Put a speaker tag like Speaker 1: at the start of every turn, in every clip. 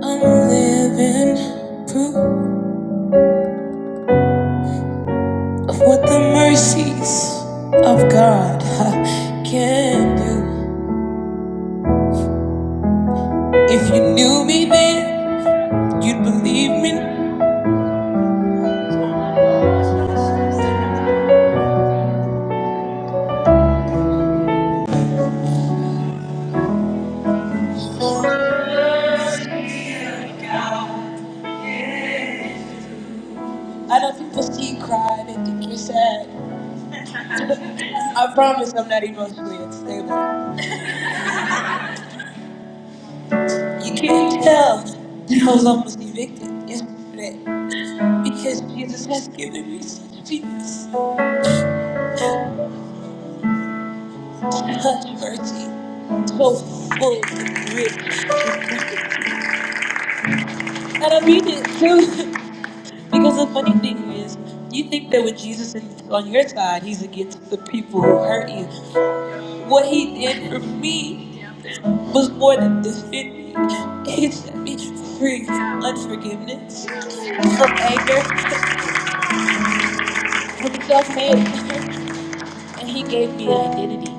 Speaker 1: I'm living proof of what the mercies of God can do. If you knew me then, you'd believe me. I know people see you cry, they think you're sad. I promise I'm not emotionally unstable. You can't tell that I was almost evicted yesterday because Jesus has given me such peace, such mercy, so full and rich. And I mean it too. Because the funny thing is, you think that with Jesus in- on your side, he's against the people who hurt you. What he did for me was more than defend me. He set me free from unforgiveness, from anger, from self-hate, and he gave me an identity.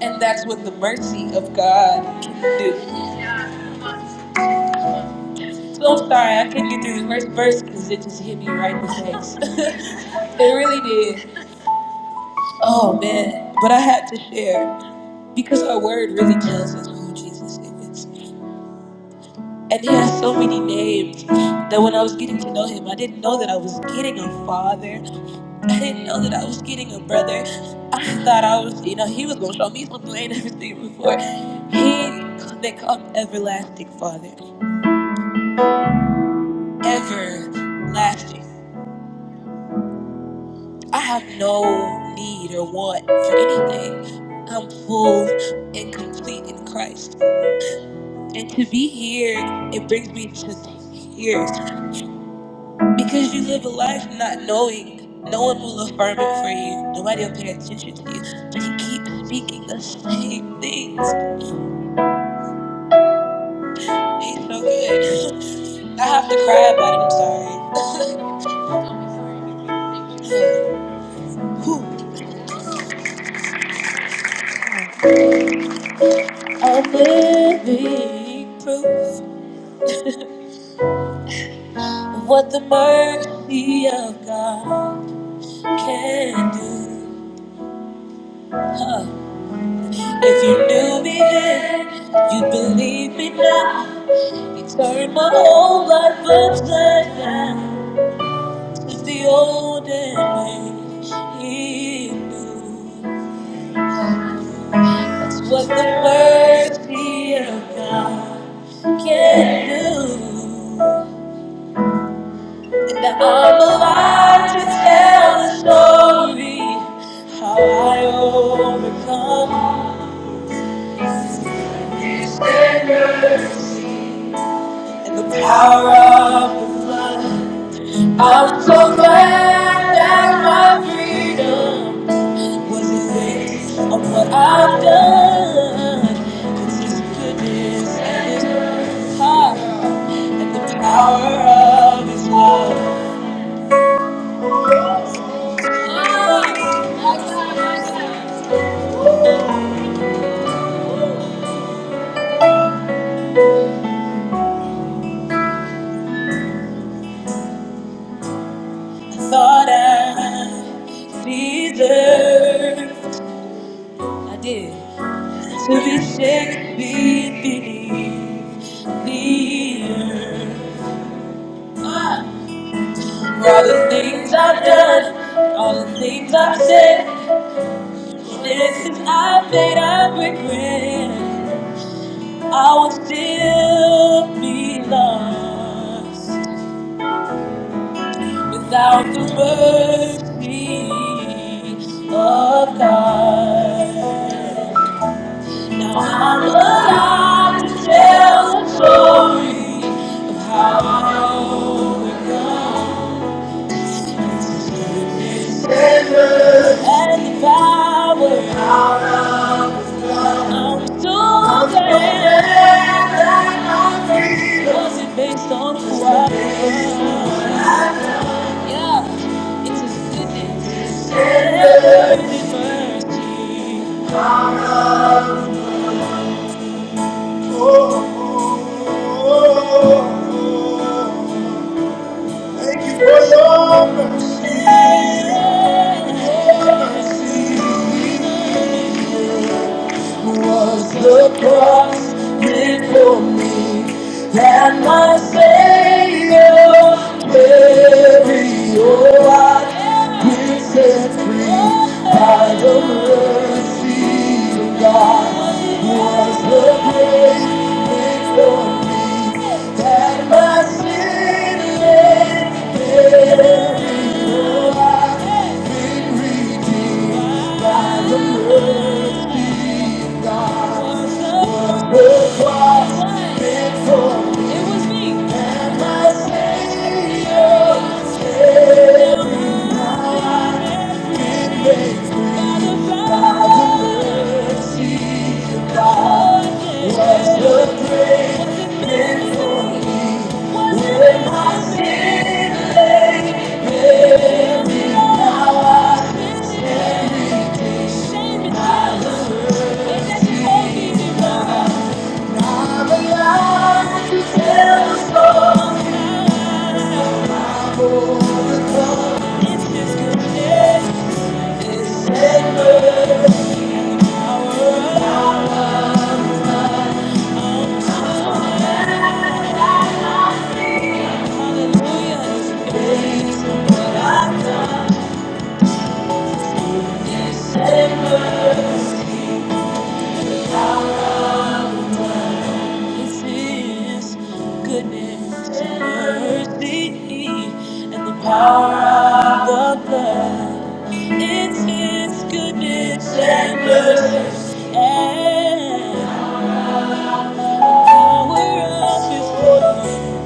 Speaker 1: and that's what the mercy of God can do. So I'm sorry, I couldn't get through the first verse because it just hit me right in the face. it really did. Oh man, but I had to share. Because our word really tells us who Jesus is. And he has so many names that when I was getting to know him, I didn't know that I was getting a father. I didn't know that I was getting a brother. I thought I was, you know, he was going to show me something I ain't never seen before. He, they call him Everlasting Father. Everlasting. I have no need or want for anything. I'm full and complete in Christ. And to be here, it brings me to tears. Because you live a life not knowing. No one will affirm it for you. Nobody will pay attention to you. But he keeps speaking the same things. He's so good. I have to cry about it. I'm sorry. Whew. I'm living proof of what the mercy of God can do. Huh. If you knew me then, you'd believe me now. He turned my whole life upside down. Took the old and made it new. It's what the mercy of God can do. And now I'm alive to tell the story how I overcome these sinners and the power of. I'm so glad that my freedom. What you think of what I've done? It's His goodness and His power and the power of His love. I thought I deserved, I did, to be shaken beneath the For all the things I've done, all the things I've said, this is I made I regret. I would still be lost without the mercy of God. Now I'm alive to tell the story of how I overcome and the power I'm still I'm still standing. Was it based on who I am? Yeah, it's His goodness, and His mercy. Oh, thank you for your mercy. Your mercy. was the cross did for me and my Savior very oh I been set free by the mercy of God was the grace oh had my sin laid buried I and the mercy was the cross It was me. Thank you. I'm alive to tell the story of overcome. It's His goodness, His favor, Hallelujah, His grace, what I've done. His favor, This is goodness and mercy and the power of the blood. It's His goodness and mercy and the power of His blood.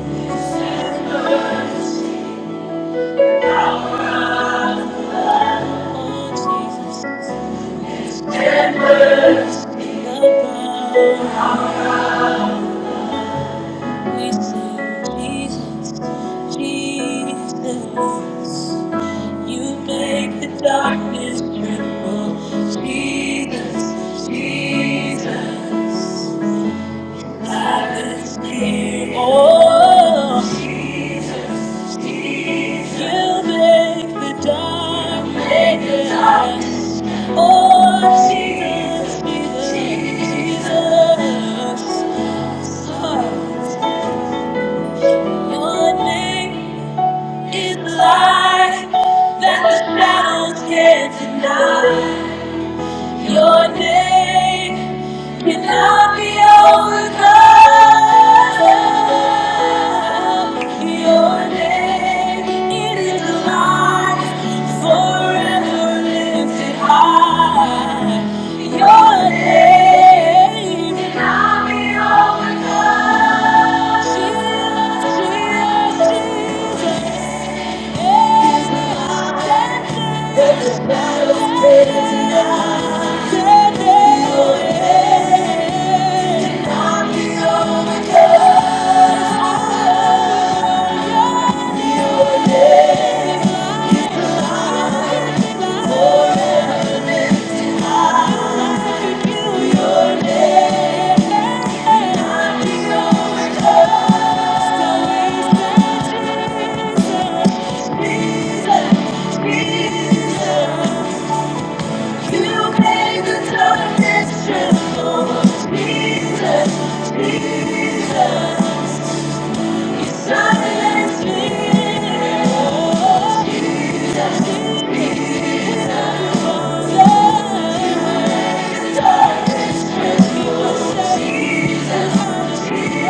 Speaker 1: Oh, Jesus, the blood. We sing Jesus, Jesus. You make the darkness tremble, Jesus, Jesus. I Silence here. Oh, Jesus. You make the darkness. Oh, Jesus, Jesus. Jesus. Your name is light that the shadows can't deny. Your name cannot be overcome. Your name, it is alive, forever lifted high. Your name cannot be overcome. Jesus, Jesus, Jesus. Yeah. Jesus, Darkness Thank you. will say, Jesus, I'm here.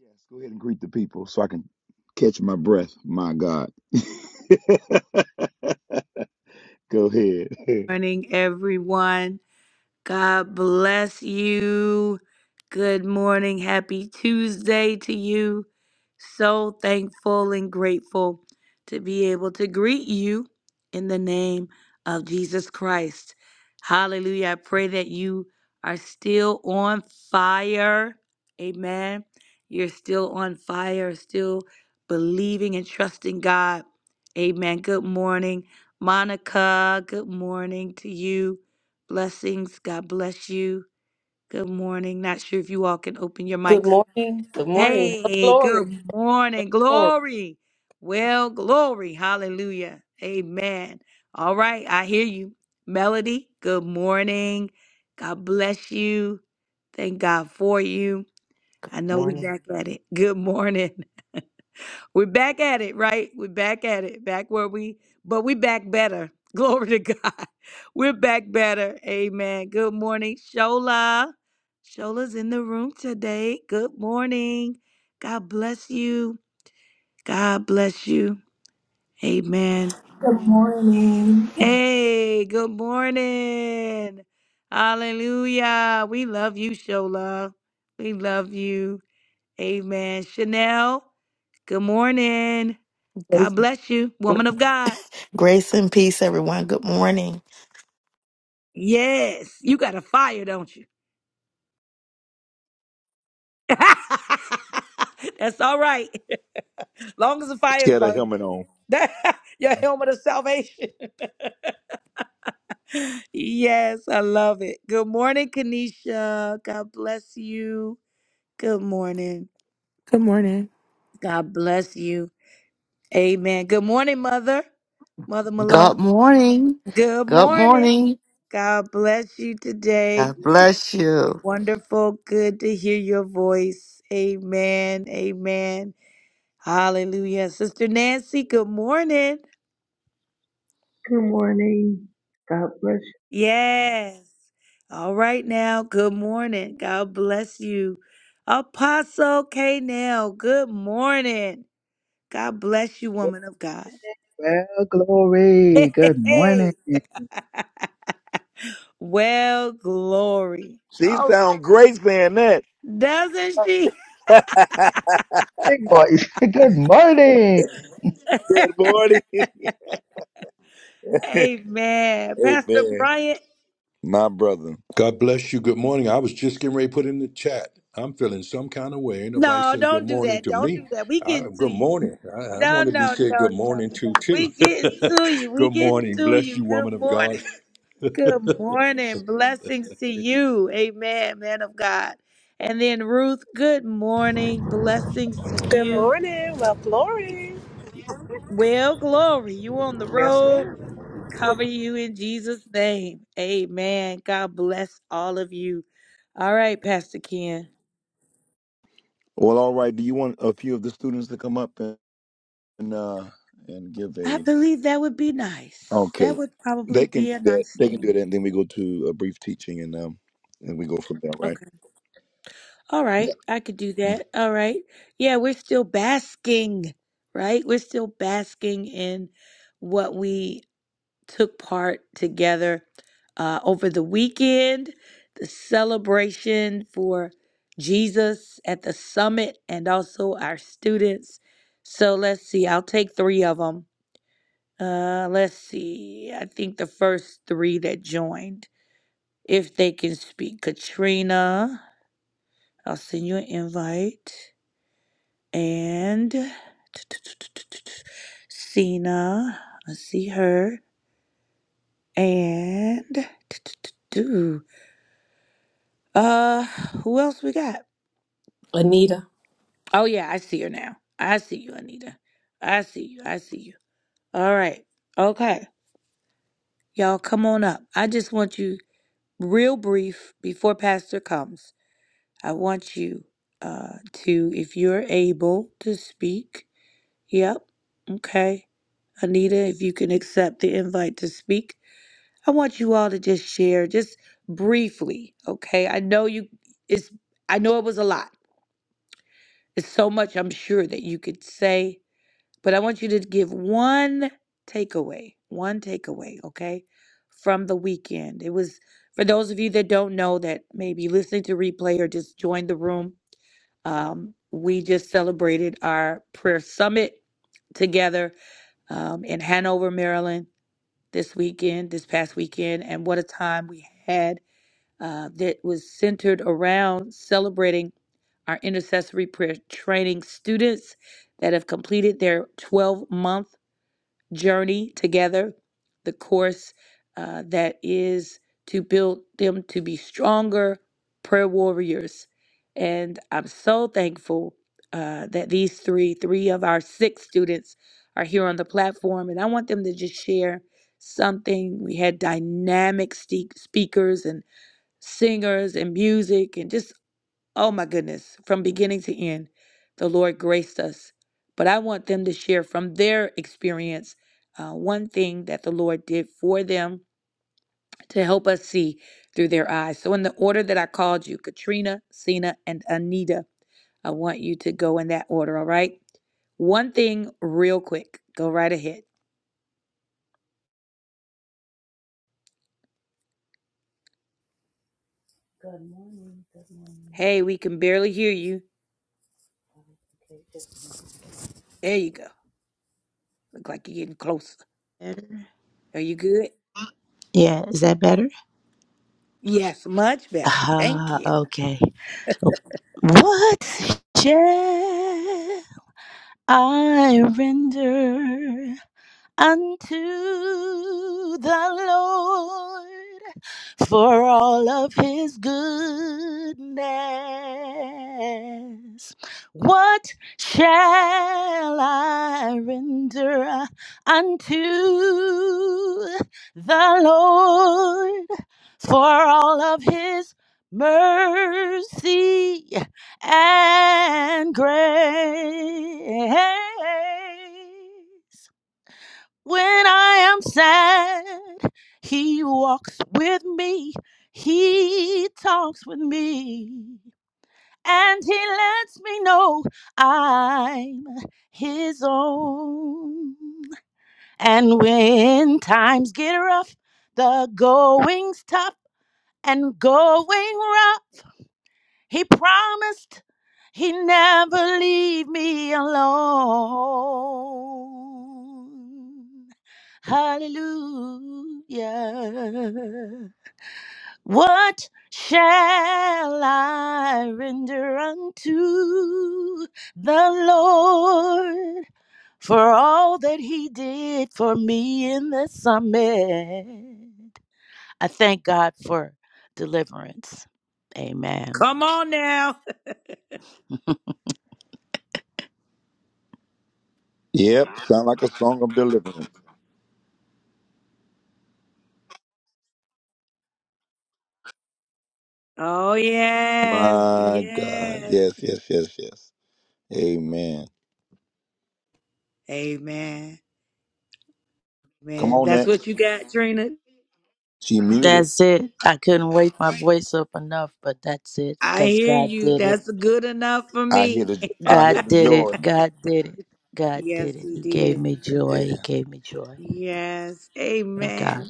Speaker 2: Yes, go ahead and greet the people so I can catch my breath. My God. go ahead.
Speaker 3: Good morning. Good morning. Well, glory, glory.
Speaker 4: Morning.
Speaker 5: Grace and peace, everyone. Good morning.
Speaker 2: Let's get a helmet on.
Speaker 6: Good morning.
Speaker 7: Good morning. Good morning. God bless you.
Speaker 8: Good morning. God bless
Speaker 9: Good, Well, glory. Good morning.
Speaker 2: She sound great saying that.
Speaker 9: Big boys. Good morning.
Speaker 2: Good morning. Amen. My brother.
Speaker 10: God bless you. Good morning. I was just getting ready to put in the chat. I'm feeling some kind of way. Ain't nobody say good morning to me. I, good morning. I, I want to be said good morning to too. good morning. Bless you, woman of God.
Speaker 11: Good morning. Well, glory. Yes, ma'am.
Speaker 2: Well, all right. Do you want a few of the students to come up and, and uh and give a Okay. They can do that. They can do that and then we go to a brief teaching and um and we go from there, right? Yeah. Mhm.
Speaker 3: Anita.
Speaker 12: Good morning. Good morning. Okay, is that better? Yeah, is that better? Ah, okay. What shall I render? unto the Lord for all of his goodness. What shall I render unto the Lord for all of his mercy and grace? When I am sad, he walks with me. He talks with me. And he lets me know I'm his own. And when times get rough, the going's tough and going rough. He promised he'd never leave me alone. Hallelujah. What shall I render unto the Lord for all that he did for me in the summit? I thank God for deliverance. Amen.
Speaker 2: Yep. Sound like a song of deliverance. My God. Yes, yes, yes, yes. Amen. Come on next. She muted.
Speaker 12: That's it. I couldn't wake my voice up enough, but that's it. Because God did it.
Speaker 2: I hear the I hear
Speaker 12: God
Speaker 2: the
Speaker 12: did it.
Speaker 2: joy.
Speaker 12: God did it. God did it. He gave me joy.
Speaker 2: Yeah.
Speaker 12: He gave me joy. Thank God.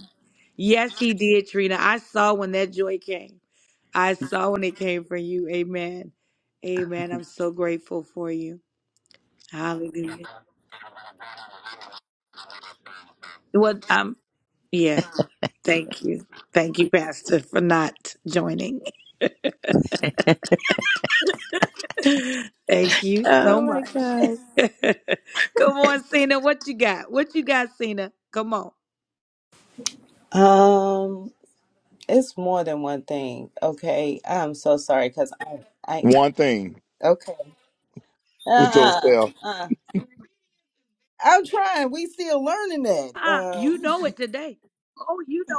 Speaker 12: oh my God.
Speaker 13: Um, it's more than one thing. Okay, I'm so sorry because I, I,
Speaker 2: One thing
Speaker 13: okay, uh,
Speaker 2: with
Speaker 13: uh,
Speaker 2: yourself.
Speaker 13: uh. I'm trying. We still learning that. Um,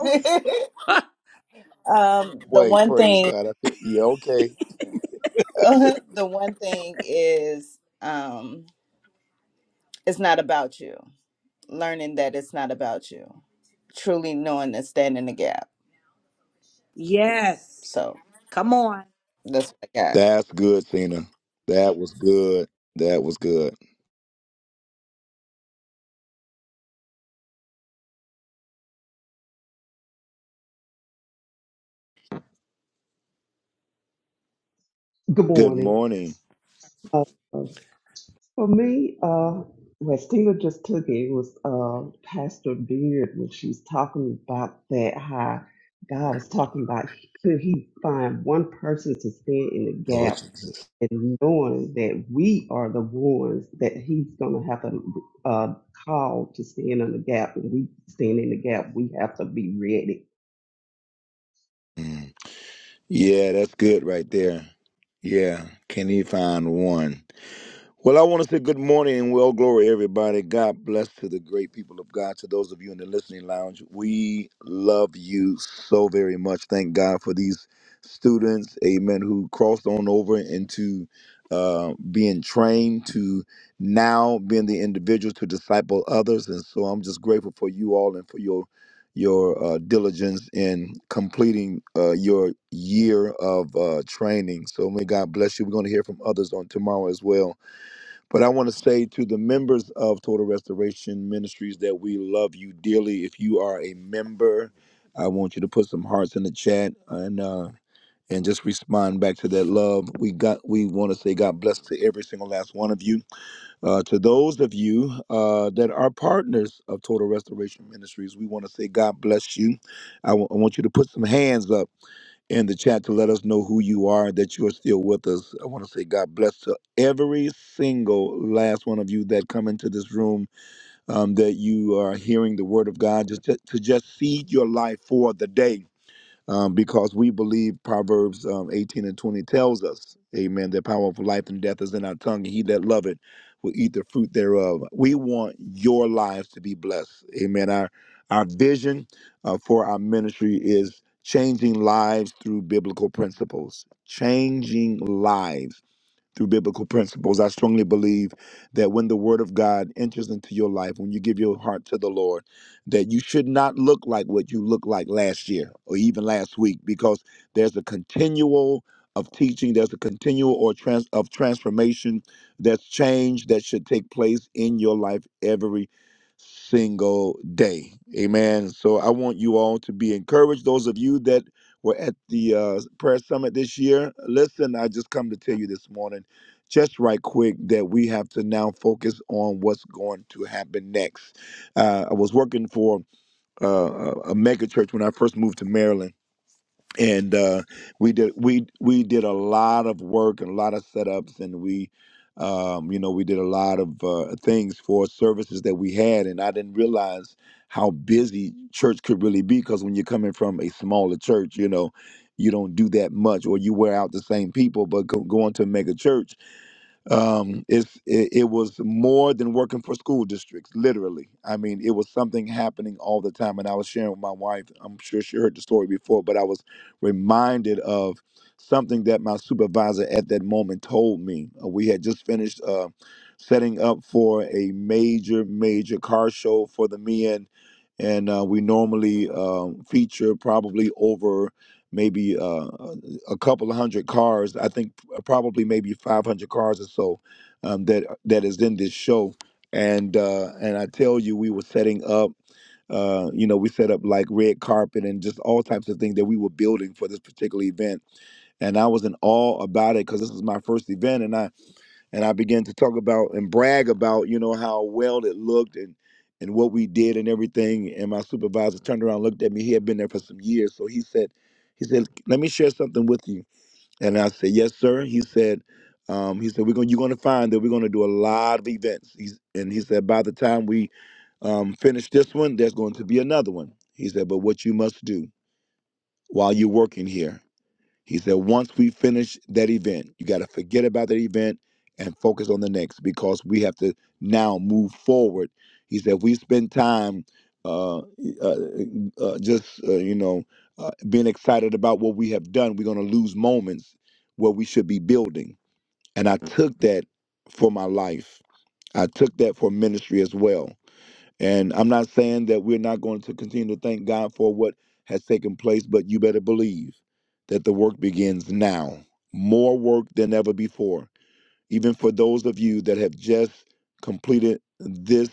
Speaker 13: um, the
Speaker 2: Wait,
Speaker 13: one
Speaker 2: praise
Speaker 13: thing,
Speaker 2: God. I feel, yeah, okay.
Speaker 13: the one thing is, um, it's not about you. Learning that it's not about you. Truly knowing and standing the gap. So that's what I got.
Speaker 2: That's good, Cena. That was good. That was good.
Speaker 14: Good
Speaker 2: Good
Speaker 14: morning.
Speaker 2: morning,
Speaker 14: Uh, for me, uh, what Stina just took it was uh, Pastor Beard when she's talking about that how God was talking about he, could he find one person to stand in the
Speaker 2: Lord
Speaker 14: gap
Speaker 2: Jesus.
Speaker 14: and knowing that we are the ones that he's going to have to uh, call to stand in the gap When we stand in the gap we have to be ready
Speaker 2: Mm. Yeah, that's good right there. Yeah. Can you find one? Well, I want to say good morning and well glory, everybody. God bless to the great people of God. To those of you in the listening lounge, we love you so very much. Thank God for these students, amen, who crossed on over into uh, being trained to now being the individuals to disciple others. And so I'm just grateful for you all and for your your uh, diligence in completing uh, your year of uh, training. So may God bless you. We're going to hear from others on tomorrow as well but I want to say to the members of Total Restoration Ministries that we love you dearly. If you are a member, I want you to put some hearts in the chat and uh, and just respond back to that love. We got we want to say God bless to every single last one of you. Uh, to those of you uh, that are partners of Total Restoration Ministries, we want to say God bless you. I wa- I want you to put some hands up in the chat to let us know who you are, that you are still with us. I want to say God bless to every single last one of you that come into this room, um, that you are hearing the word of God, just to, to just seed your life for the day um, because we believe Proverbs um, 18 and 20 tells us, amen, the power of life and death is in our tongue, and he that loveth, will eat the fruit thereof. We want your lives to be blessed, amen. Our, our vision uh, for our ministry is changing lives through biblical principles, changing lives through biblical principles. I strongly believe that when the word of God enters into your life, when you give your heart to the Lord, that you should not look like what you looked like last year or even last week because there's a continual of teaching, there's a continual or trans of transformation, that's change that should take place in your life every single day. Amen. So I want you all to be encouraged. Those of you that were at the uh, prayer summit this year, listen, I just come to tell you this morning just right quick that we have to now focus on what's going to happen next. Uh, I was working for uh, a a mega church when I first moved to Maryland. And uh, we did we we did a lot of work and a lot of setups, and we, um, you know, we did a lot of uh, things for services that we had, and I didn't realize how busy church could really be because when you're coming from a smaller church, you know, you don't do that much, or you wear out the same people. But go, going to a mega church, um it's it, it was more than working for school districts literally i mean it was something happening all the time and i was sharing with my wife i'm sure she heard the story before but i was reminded of something that my supervisor at that moment told me Uh, we had just finished uh setting up for a major major car show for the men and uh, we normally um feature probably over maybe uh, a couple of hundred cars. I think uh, probably maybe 500 cars or so um, that uh, that is in this show. And uh, and I tell you, we were setting up. Uh, you know, we set up like red carpet and just all types of things that we were building for this particular event. And I was in awe about it because this was my first event, and I and I began to talk about and brag about, you know, how well it looked and and what we did and everything. And my supervisor turned around, and looked at me. He had been there for some years, so he said, he said, "Let me share something with you." And I said, "Yes, sir." He said, um, "He said we're going. You're going to find that we're going to do a lot of events." He's, and he said, "By the time we um, finish this one, there's going to be another one." He said, "But what you must do while you're working here he said, once we finish that event, you got to forget about that event and focus on the next because we have to now move forward. He said, we spend time uh, e, uh, e, uh, just, uh, you know, uh, being excited about what we have done, we're going to lose moments where we should be building. And I took that for my life, I took that for ministry as well. And I'm not saying that we're not going to continue to thank God for what has taken place, but you better believe that the work begins now. More work than ever before. Even for those of you that have just completed this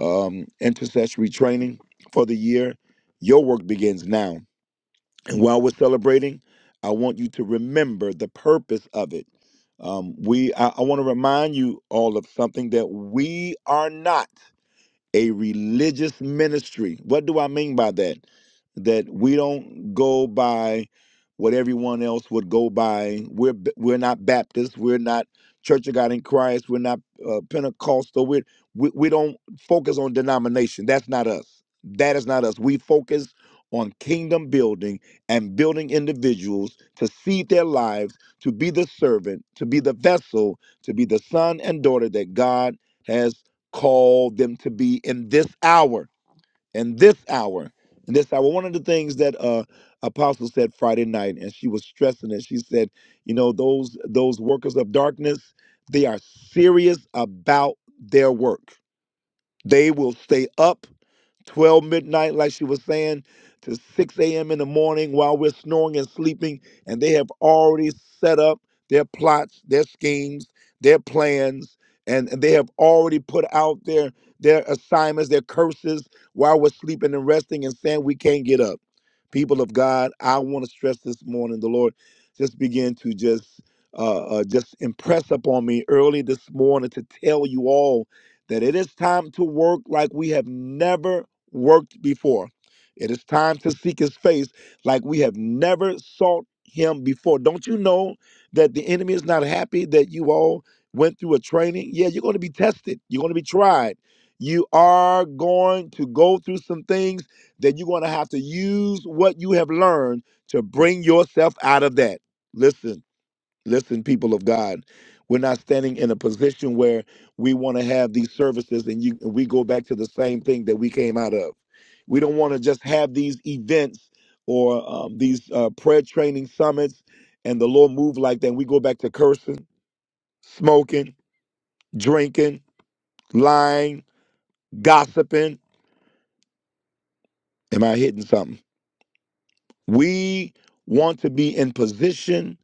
Speaker 2: um, intercessory training for the year, your work begins now. And while we're celebrating, I want you to remember the purpose of it. Um, we, I, I want to remind you all of something that we are not a religious ministry. What do I mean by that? That we don't go by what everyone else would go by. We're b- we're not Baptists. We're not Church of God in Christ. We're not uh, Pentecostal. We're, we we don't focus on denomination. That's not us. That is not us. We focus on kingdom building and building individuals to seed their lives, to be the servant, to be the vessel, to be the son and daughter that God has called them to be in this hour, in this hour, in this hour. One of the things that uh Apostle said Friday night, and she was stressing it, she said, you know, those those workers of darkness, they are serious about their work. They will stay up 12 midnight, like she was saying, to 6 a.m. in the morning while we're snoring and sleeping. And they have already set up their plots, their schemes, their plans, and, and they have already put out their, their assignments, their curses while we're sleeping and resting and saying we can't get up. People of God, I want to stress this morning, the Lord just began to just uh, uh, just impress upon me early this morning to tell you all that it is time to work like we have never worked before. It is time to seek his face like we have never sought him before. Don't you know that the enemy is not happy that you all went through a training? Yeah, you're going to be tested, you're going to be tried. You are going to go through some things that you're going to have to use what you have learned to bring yourself out of that. Listen. Listen, people of God, we're not standing in a position where we want to have these services and you we go back to the same thing that we came out of. We don't want to just have these events or um, these uh, prayer training summits and the Lord move like that. And we go back to cursing, smoking, drinking, lying, gossiping. Am I hitting something? We want to be in position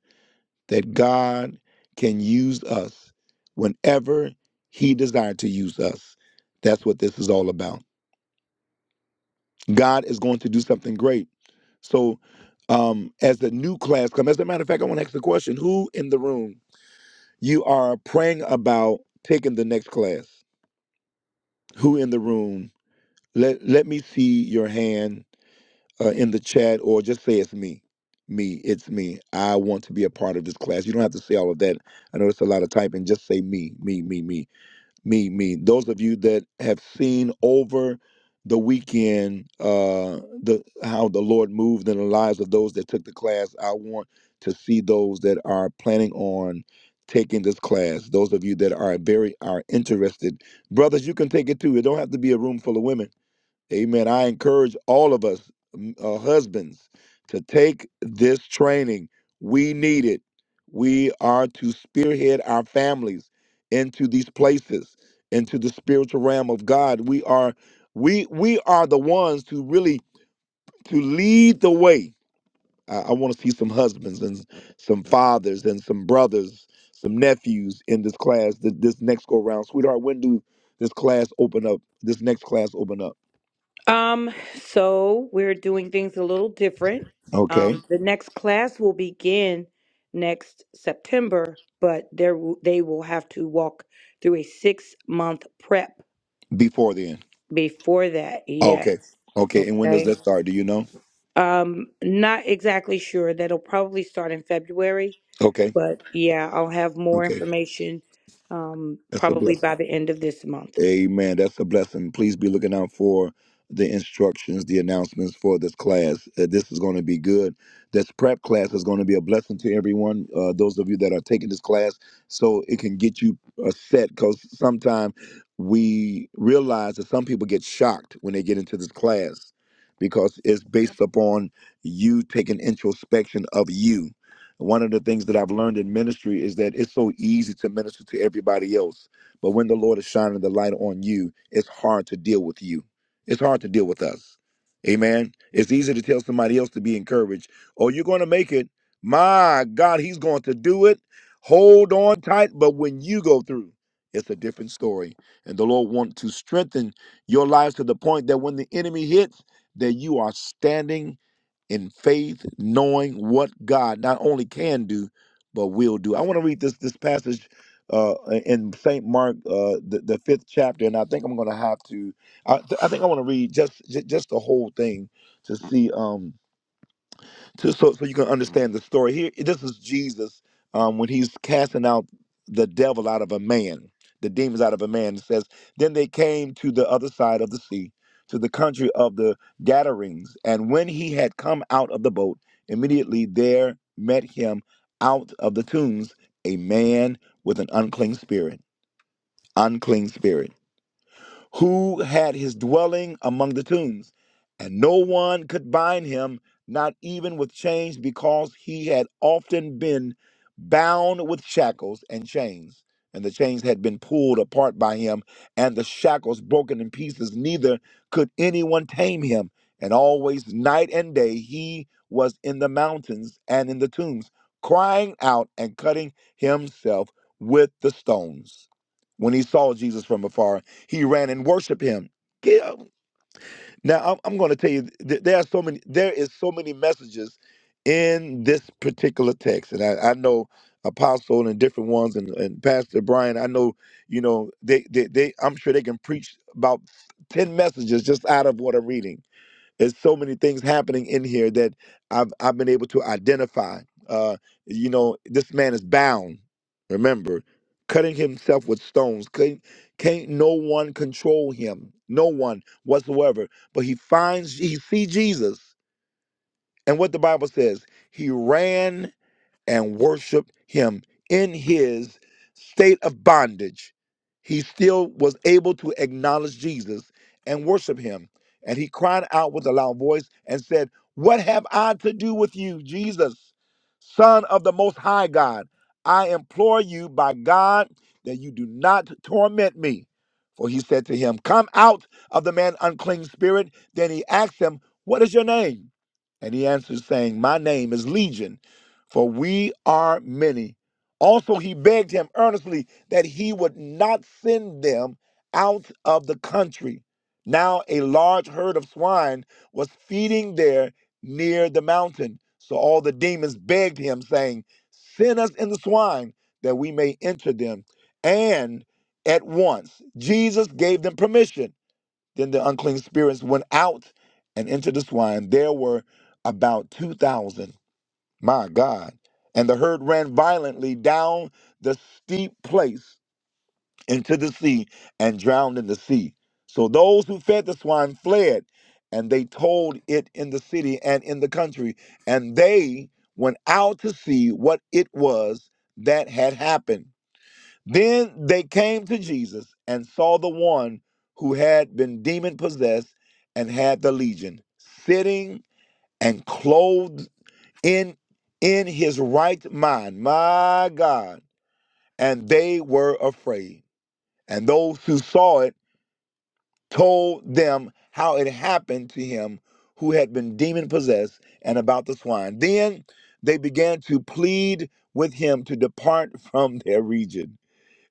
Speaker 2: that God can use us whenever He desired to use us. That's what this is all about. God is going to do something great. So, um, as the new class comes, as a matter of fact, I want to ask the question who in the room you are praying about taking the next class? Who in the room? Let, let me see your hand uh, in the chat or just say it's me. Me, it's me. I want to be a part of this class. You don't have to say all of that. I know it's a lot of typing. Just say me, me, me, me. me, me. Those of you that have seen over the weekend uh, the how the Lord moved in the lives of those that took the class, I want to see those that are planning on taking this class. Those of you that are very are interested, brothers, you can take it too. It don't have to be a room full of women Amen. I encourage all of us, uh, husbands, to take this training. We need it. We are to spearhead our families into these places, into the spiritual realm of God. We are, we we are the ones to really to lead the way. I, I want to see some husbands and some fathers and some brothers, some nephews in this class. th- This next go round, sweetheart. When do this class open up? This next class open up? Okay. Before then. Okay. Okay. And when does that start? Do you know? Okay. Okay. That's a blessing. Amen. That's a blessing. Please be looking out for the instructions, the announcements for this class. Uh, this is going to be good. This prep class is going to be a blessing to everyone. Uh, those of you that are taking this class, so it can get you uh, set. Because sometimes we realize that some people get shocked when they get into this class because it's based upon you taking introspection of you. One of the things that I've learned in ministry is that it's so easy to minister to everybody else but when the Lord is shining the light on you, it's hard to deal with you. It's hard to deal with us. Amen. It's easy to tell somebody else to be encouraged. Oh, you're going to make it. My God, he's going to do it. Hold on tight. But when you go through, it's a different story. And the Lord wants to strengthen your lives to the point that when the enemy hits, that you are standing in faith, knowing what God not only can do, but will do. I want to read this this passage uh, in Saint Mark, uh, the, the fifth chapter, and I think I'm going to have to. I, I think I want to read just j- just the whole thing to see. Um, so, so so you can understand the story here. This is Jesus um, when he's casting out the devil out of a man, the demons out of a man. It says, then they came to the other side of the sea, to the country of the Gadarenes. And when he had come out of the boat, immediately there met him out of the tombs a man with an unclean spirit. Unclean spirit who had his dwelling among the tombs, and no one could bind him, not even with chains, because he had often been bound with shackles and chains. And the chains had been pulled apart by him, and the shackles broken in pieces. Neither could anyone tame him. And always, night and day, he was in the mountains and in the tombs, crying out and cutting himself with the stones. When he saw Jesus from afar, he ran and worshiped him. Yeah. Now I'm, I'm going to tell you th- there are so many. There is so many messages in this particular text, and I, I know Apostle and different ones, and, and Pastor Brian. I know you know they, they they I'm sure they can preach about ten messages just out of what I'm reading there's so many things happening in here that I've I've been able to identify. Uh, you know, this man is bound. Remember, cutting himself with stones. Can't, can't no one control him? No one whatsoever. But he finds he see Jesus, and what the Bible says, he ran and worship him in his state of bondage. He still was able to acknowledge Jesus and worship him. And he cried out with a loud voice and said, What have I to do with you, Jesus, Son of the Most High God? I implore you by God that you do not torment me. For he said to him, Come out of the man, unclean spirit. Then he asked him, What is your name? And he answered, saying, My name is Legion for we are many. Also, he begged him earnestly that he would not send them out of the country. Now, a large herd of swine was feeding there near the mountain. So all the demons begged him, saying, Send us in the swine that we may enter them. And at once Jesus gave them permission. Then the unclean spirits went out and entered the swine. There were about 2,000 my God. And the herd ran violently down the steep place into the sea and drowned in the sea. So those who fed the swine fled, and they told it in the city and in the country. And they went out to see what it was that had happened. Then they came to Jesus and saw the one who had been demon possessed and had the legion sitting and clothed in in his right mind my god and they were afraid and those who saw it told them how it happened to him who had been demon possessed and about the swine then they began to plead with him to depart from their region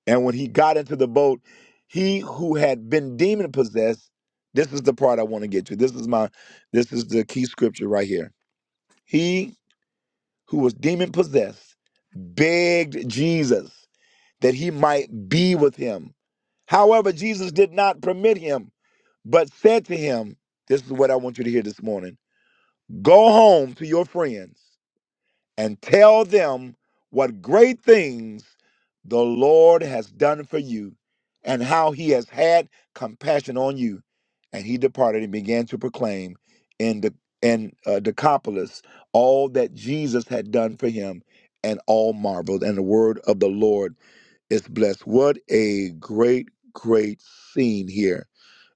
Speaker 2: and when he got into the boat he who had been demon possessed this is the part i want to get to this is my this is the key scripture right here he who was demon possessed, begged Jesus that he might be with him. However, Jesus did not permit him, but said to him, This is what I want you to hear this morning go home to your friends and tell them what great things the Lord has done for you and how he has had compassion on you. And he departed and began to proclaim in the in uh, Decapolis all that Jesus had done for him and all marveled and the word of the Lord is blessed. What a great great scene here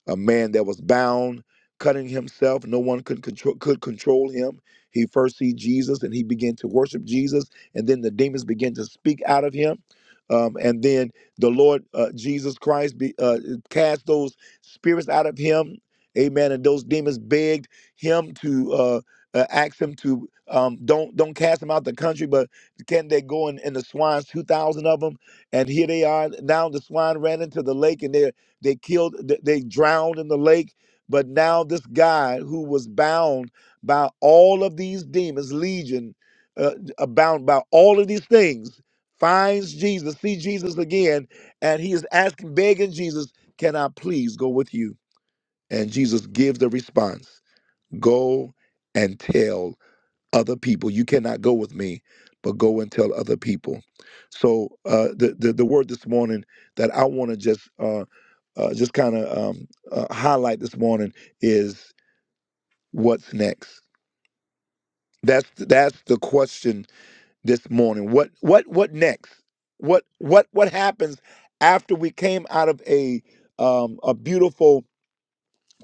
Speaker 2: a man that was bound, cutting himself. No one could control could control him. He first see Jesus and he began to worship Jesus, and then the demons began to speak out of him. Um, and then the Lord uh, Jesus Christ be, uh, cast those spirits out of him, Amen. And those demons begged him to uh, uh, ask him to um, don't don't cast them out the country, but can they go in, in the swines? Two thousand of them, and here they are. Now the swine ran into the lake, and they are they killed, they drowned in the lake. But now this guy who was bound by all of these demons, legion, uh, uh, bound by all of these things, finds Jesus, see Jesus again, and he is asking, begging Jesus, "Can I please go with you?" And Jesus gives the response, "Go and tell." other people. You cannot go with me, but go and tell other people. So uh, the, the the word this morning that I want to just uh, uh, just kind of um, uh, highlight this morning is what's next. That's that's the question this morning. What what what next? What what what happens after we came out of a um, a beautiful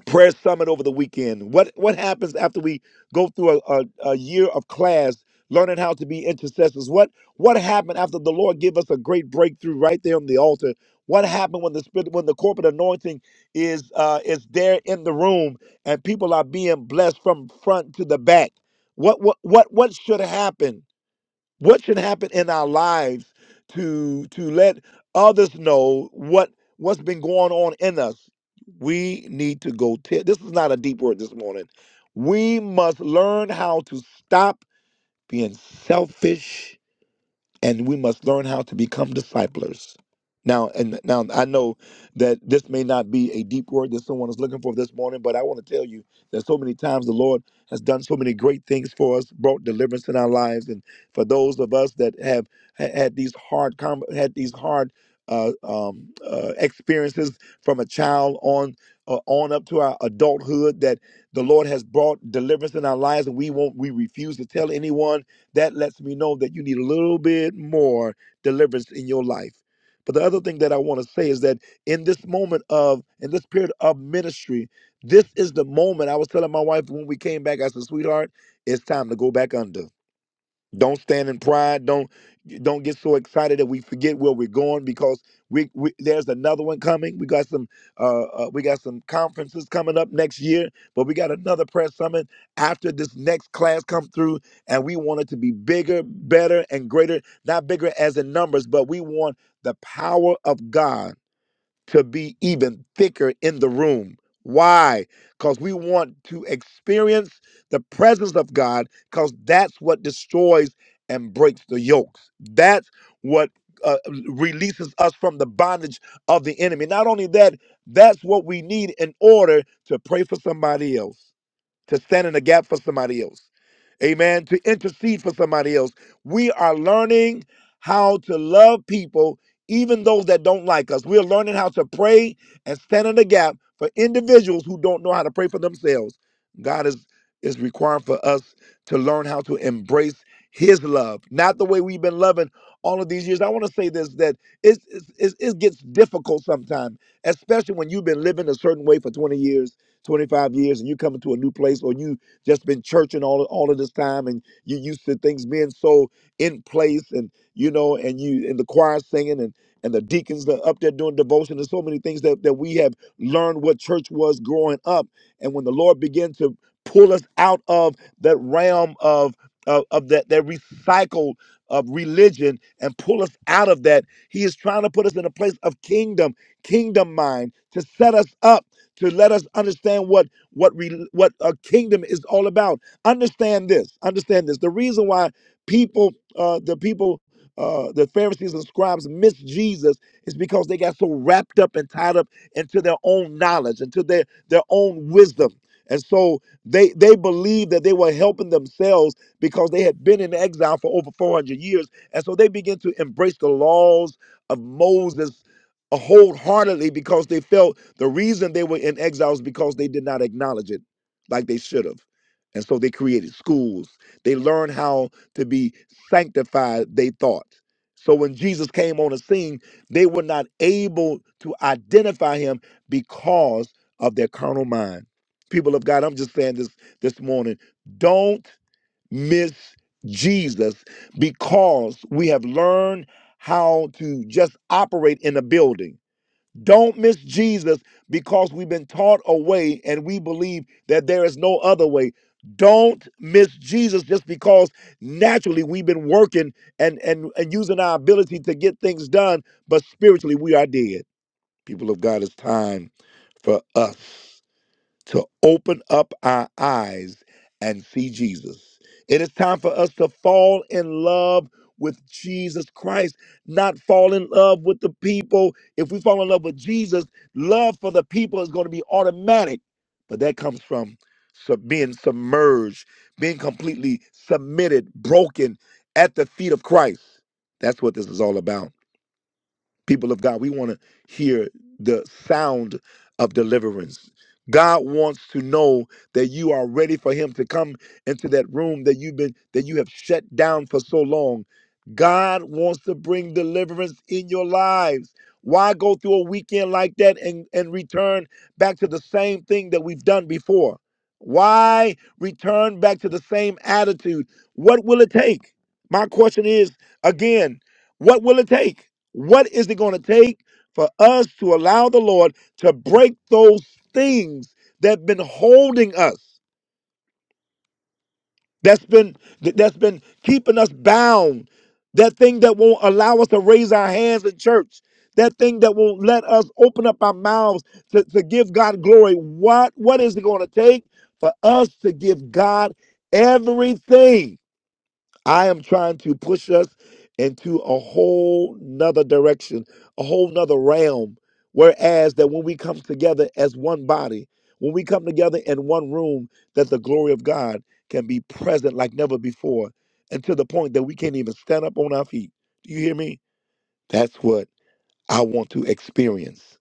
Speaker 2: prayer summit over the weekend. What what happens after we go through a, a, a year of class learning how to be intercessors? What what happened after the Lord give us a great breakthrough right there on the altar? What happened when the spirit when the corporate anointing is uh, is there in the room and people are being blessed from front to the back? What what what what should happen? what should happen in our lives to to let others know what what's been going on in us we need to go te- this is not a deep word this morning we must learn how to stop being selfish and we must learn how to become disciplers. Now, and now I know that this may not be a deep word that someone is looking for this morning, but I want to tell you that so many times the Lord has done so many great things for us, brought deliverance in our lives, and for those of us that have ha- had these hard com- had these hard uh, um, uh, experiences from a child on uh, on up to our adulthood, that the Lord has brought deliverance in our lives, and we won't we refuse to tell anyone that lets me know that you need a little bit more deliverance in your life. But the other thing that I want to say is that in this moment of, in this period of ministry, this is the moment I was telling my wife when we came back, I said, sweetheart, it's time to go back under. Don't stand in pride. Don't don't get so excited that we forget where we're going because we, we there's another one coming. We got some uh, uh we got some conferences coming up next year, but we got another press summit after this next class come through, and we want it to be bigger, better, and greater. Not bigger as in numbers, but we want the power of God to be even thicker in the room. Why? Because we want to experience the presence of God, because that's what destroys and breaks the yokes. That's what uh, releases us from the bondage of the enemy. Not only that, that's what we need in order to pray for somebody else to stand in the gap for somebody else. Amen. To intercede for somebody else. We are learning how to love people, even those that don't like us. We're learning how to pray and stand in the gap for individuals who don't know how to pray for themselves. God is, is requiring for us to learn how to embrace his love, not the way we've been loving all of these years. I want to say this that it's, it's, it's- it gets difficult sometimes, especially when you've been living a certain way for 20 years 25 years and you coming to a new place or you just been churching all all of this time and you used to things being so in place and you know and you and the choir singing and and the deacons that are up there doing devotion and so many things that, that we have learned what church was growing up and when the lord began to pull us out of that realm of of, of that that recycled of religion and pull us out of that he is trying to put us in a place of kingdom kingdom mind to set us up to let us understand what what re, what a kingdom is all about. Understand this. Understand this. The reason why people, uh, the people, uh, the Pharisees and scribes miss Jesus is because they got so wrapped up and tied up into their own knowledge, into their their own wisdom. And so they they believed that they were helping themselves because they had been in exile for over 400 years. And so they began to embrace the laws of Moses wholeheartedly because they felt the reason they were in exile is because they did not acknowledge it like they should have. And so they created schools. They learned how to be sanctified, they thought. So when Jesus came on the scene, they were not able to identify him because of their carnal mind. People of God, I'm just saying this this morning. Don't miss Jesus because we have learned how to just operate in a building don't miss Jesus because we've been taught a way and we believe that there is no other way. Don't miss Jesus just because naturally we've been working and, and, and using our ability to get things done, but spiritually we are dead. People of God, it's time for us to open up our eyes and see Jesus. It is time for us to fall in love with Jesus Christ, not fall in love with the people. If we fall in love with Jesus, love for the people is going to be automatic, but that comes from sub- being submerged, being completely submitted, broken at the feet of Christ. That's what this is all about people of God, we want to hear the sound of deliverance. God wants to know that you are ready for him to come into that room that you've been that you have shut down for so long. God wants to bring deliverance in your lives. Why go through a weekend like that and, and return back to the same thing that we've done before? Why return back to the same attitude? What will it take? My question is again, what will it take? What is it going to take for us to allow the Lord to break those things that have been holding us, that's been that- that's been keeping us bound, that thing that won't allow us to raise our hands in church, that thing that won't let us open up our mouths to, to give God glory? What what is it going to take for us to give God everything? I am trying to push us into a whole nother direction, a whole nother realm. Whereas that when we come together as one body, when we come together in one room, that the glory of God can be present like never before, and to the point that we can't even stand up on our feet. Do you hear me? That's what I want to experience.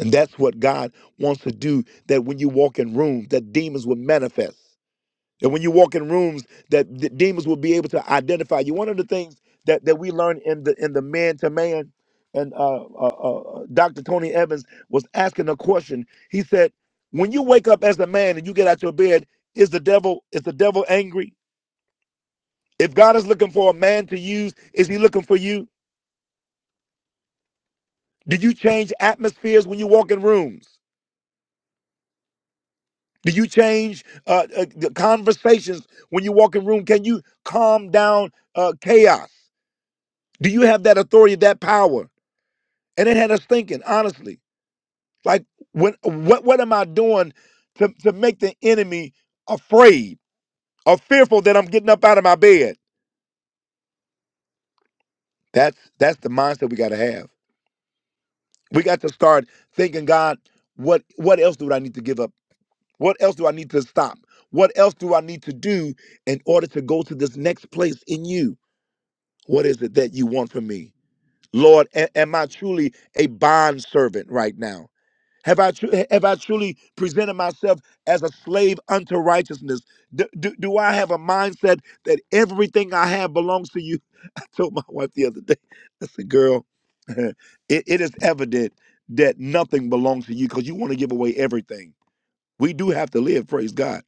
Speaker 2: And that's what God wants to do, that when you walk in rooms, that demons will manifest. And when you walk in rooms, that the demons will be able to identify you. One of the things that, that we learned in the in the man to man, and uh, uh, uh, Dr. Tony Evans was asking a question. He said, "When you wake up as a man and you get out your bed, is the devil is the devil angry? If God is looking for a man to use, is He looking for you? Do you change atmospheres when you walk in rooms? Do you change uh, uh, the conversations when you walk in room? Can you calm down uh, chaos? Do you have that authority, that power? And it had us thinking, honestly, like, when, what, what am I doing to, to make the enemy afraid or fearful that I'm getting up out of my bed? That's that's the mindset we got to have. We got to start thinking, God, what what else do I need to give up? What else do I need to stop? What else do I need to do in order to go to this next place in you? What is it that you want from me? Lord, a- am I truly a bond servant right now? Have I, tru- have I truly presented myself as a slave unto righteousness? Do, do, do I have a mindset that everything I have belongs to you? I told my wife the other day, I said, girl, it, it is evident that nothing belongs to you because you want to give away everything. We do have to live, praise God.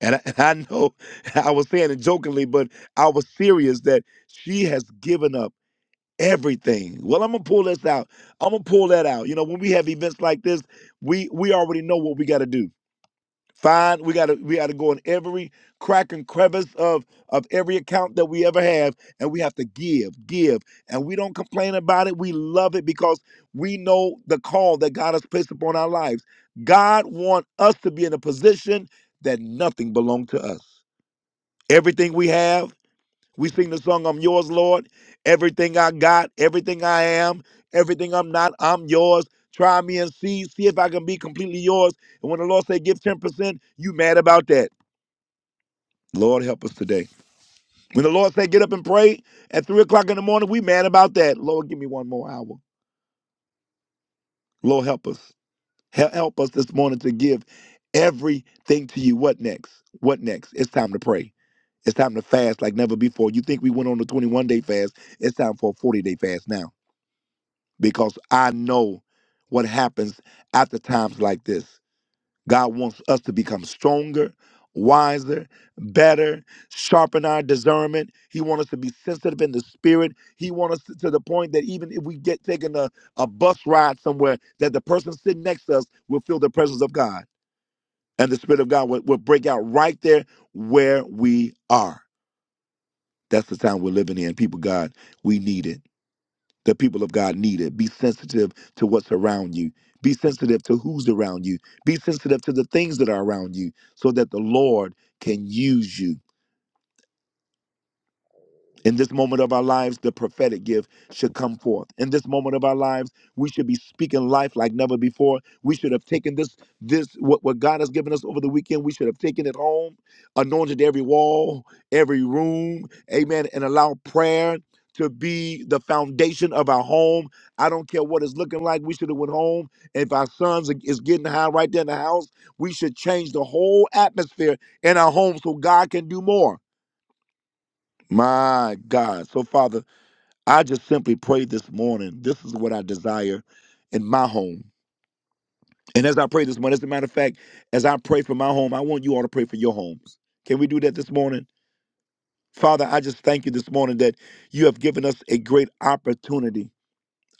Speaker 2: And I, and I know I was saying it jokingly, but I was serious that she has given up everything. Well, I'm gonna pull this out. I'm gonna pull that out. You know, when we have events like this, we we already know what we got to do. Find we gotta we gotta go in every crack and crevice of of every account that we ever have, and we have to give, give, and we don't complain about it. We love it because we know the call that God has placed upon our lives. God wants us to be in a position that nothing belonged to us. Everything we have we sing the song, I'm yours, Lord. Everything I got, everything I am, everything I'm not, I'm yours. Try me and see, see if I can be completely yours. And when the Lord say give 10%, you mad about that. Lord help us today. When the Lord say get up and pray at three o'clock in the morning, we mad about that. Lord, give me one more hour. Lord help us. Hel- Help us this morning to give everything to you. What next? What next? It's time to pray. It's time to fast like never before. You think we went on a 21 day fast? It's time for a 40 day fast now. because I know what happens after times like this. God wants us to become stronger, wiser, better, sharpen our discernment. He wants us to be sensitive in the spirit. He wants us to, to the point that even if we get taken a, a bus ride somewhere, that the person sitting next to us will feel the presence of God. And the Spirit of God will, will break out right there where we are. That's the time we're living in. People, God, we need it the people of God need it. Be sensitive to what's around you. Be sensitive to who's around you. Be sensitive to the things that are around you so that the Lord can use you. In this moment of our lives, the prophetic gift should come forth. In this moment of our lives, we should be speaking life like never before. We should have taken this, this what, what God has given us over the weekend. We should have taken it home, anointed every wall, every room, amen, and allow prayer to be the foundation of our home. I don't care what it's looking like. We should have went home. If our sons are- is getting high right there in the house, we should change the whole atmosphere in our home so God can do more. My God. So Father. I just simply pray this morning. This is what I desire in my home. And as I pray this morning, as a matter of fact, as I pray for my home, I want you all to pray for your homes. Can we do that this morning? Father, I just thank you this morning that you have given us a great opportunity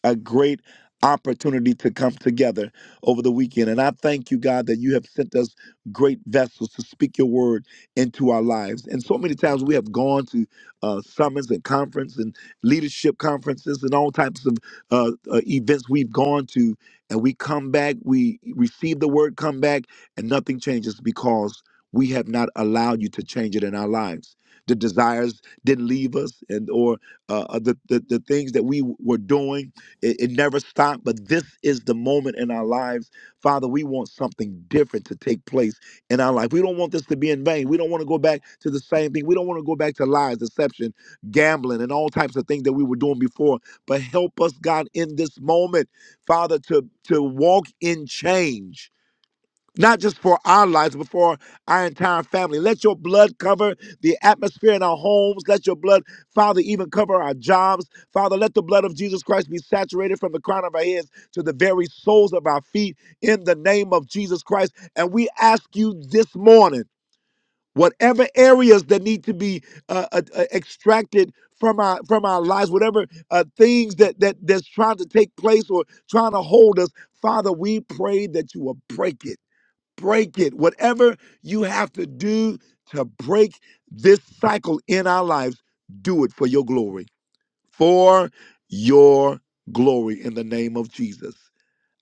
Speaker 2: a great opportunity to come together over the weekend. And I thank you, God, that you have sent us great vessels to speak your word into our lives. And so many times we have gone to uh, summits and conference and leadership conferences and all types of uh, uh, events we've gone to. And we come back, we receive the word, come back, and nothing changes because we have not allowed you to change it in our lives. The desires didn't leave us, and or uh, uh, the, the the things that we were doing it, it never stopped, but this is the moment in our lives. Father, we want something different to take place in our life. We don't want this to be in vain. We don't want to go back to the same thing. We don't want to go back to lies, deception, gambling, and all types of things that we were doing before. But help us, God, in this moment, Father, to, to walk in change not just for our lives, but for our entire family. Let your blood cover the atmosphere in our homes. Let your blood, Father, even cover our jobs. Father, let the blood of Jesus Christ be saturated from the crown of our heads to the very soles of our feet in the name of Jesus Christ. And we ask you this morning, whatever areas that need to be uh, uh, uh, extracted from our from our lives, whatever uh, things that that that's trying to take place or trying to hold us, Father, we pray that you will break it break it. Whatever you have to do to break this cycle in our lives, do it for your glory. For your glory in the name of Jesus.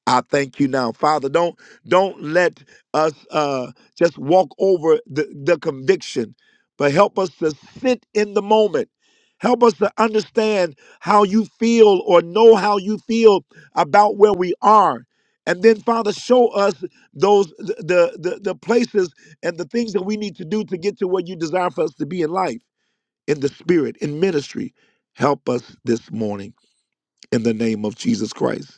Speaker 2: I thank you now, Father. Don't don't let us uh, just walk over the, the conviction, but help us to sit in the moment. Help us to understand how you feel or know how you feel about where we are. And then, Father, show us those th- the, the the places and the things that we need to do to get to where you desire for us to be in life, in the spirit, in ministry. Help us this morning in the name of Jesus Christ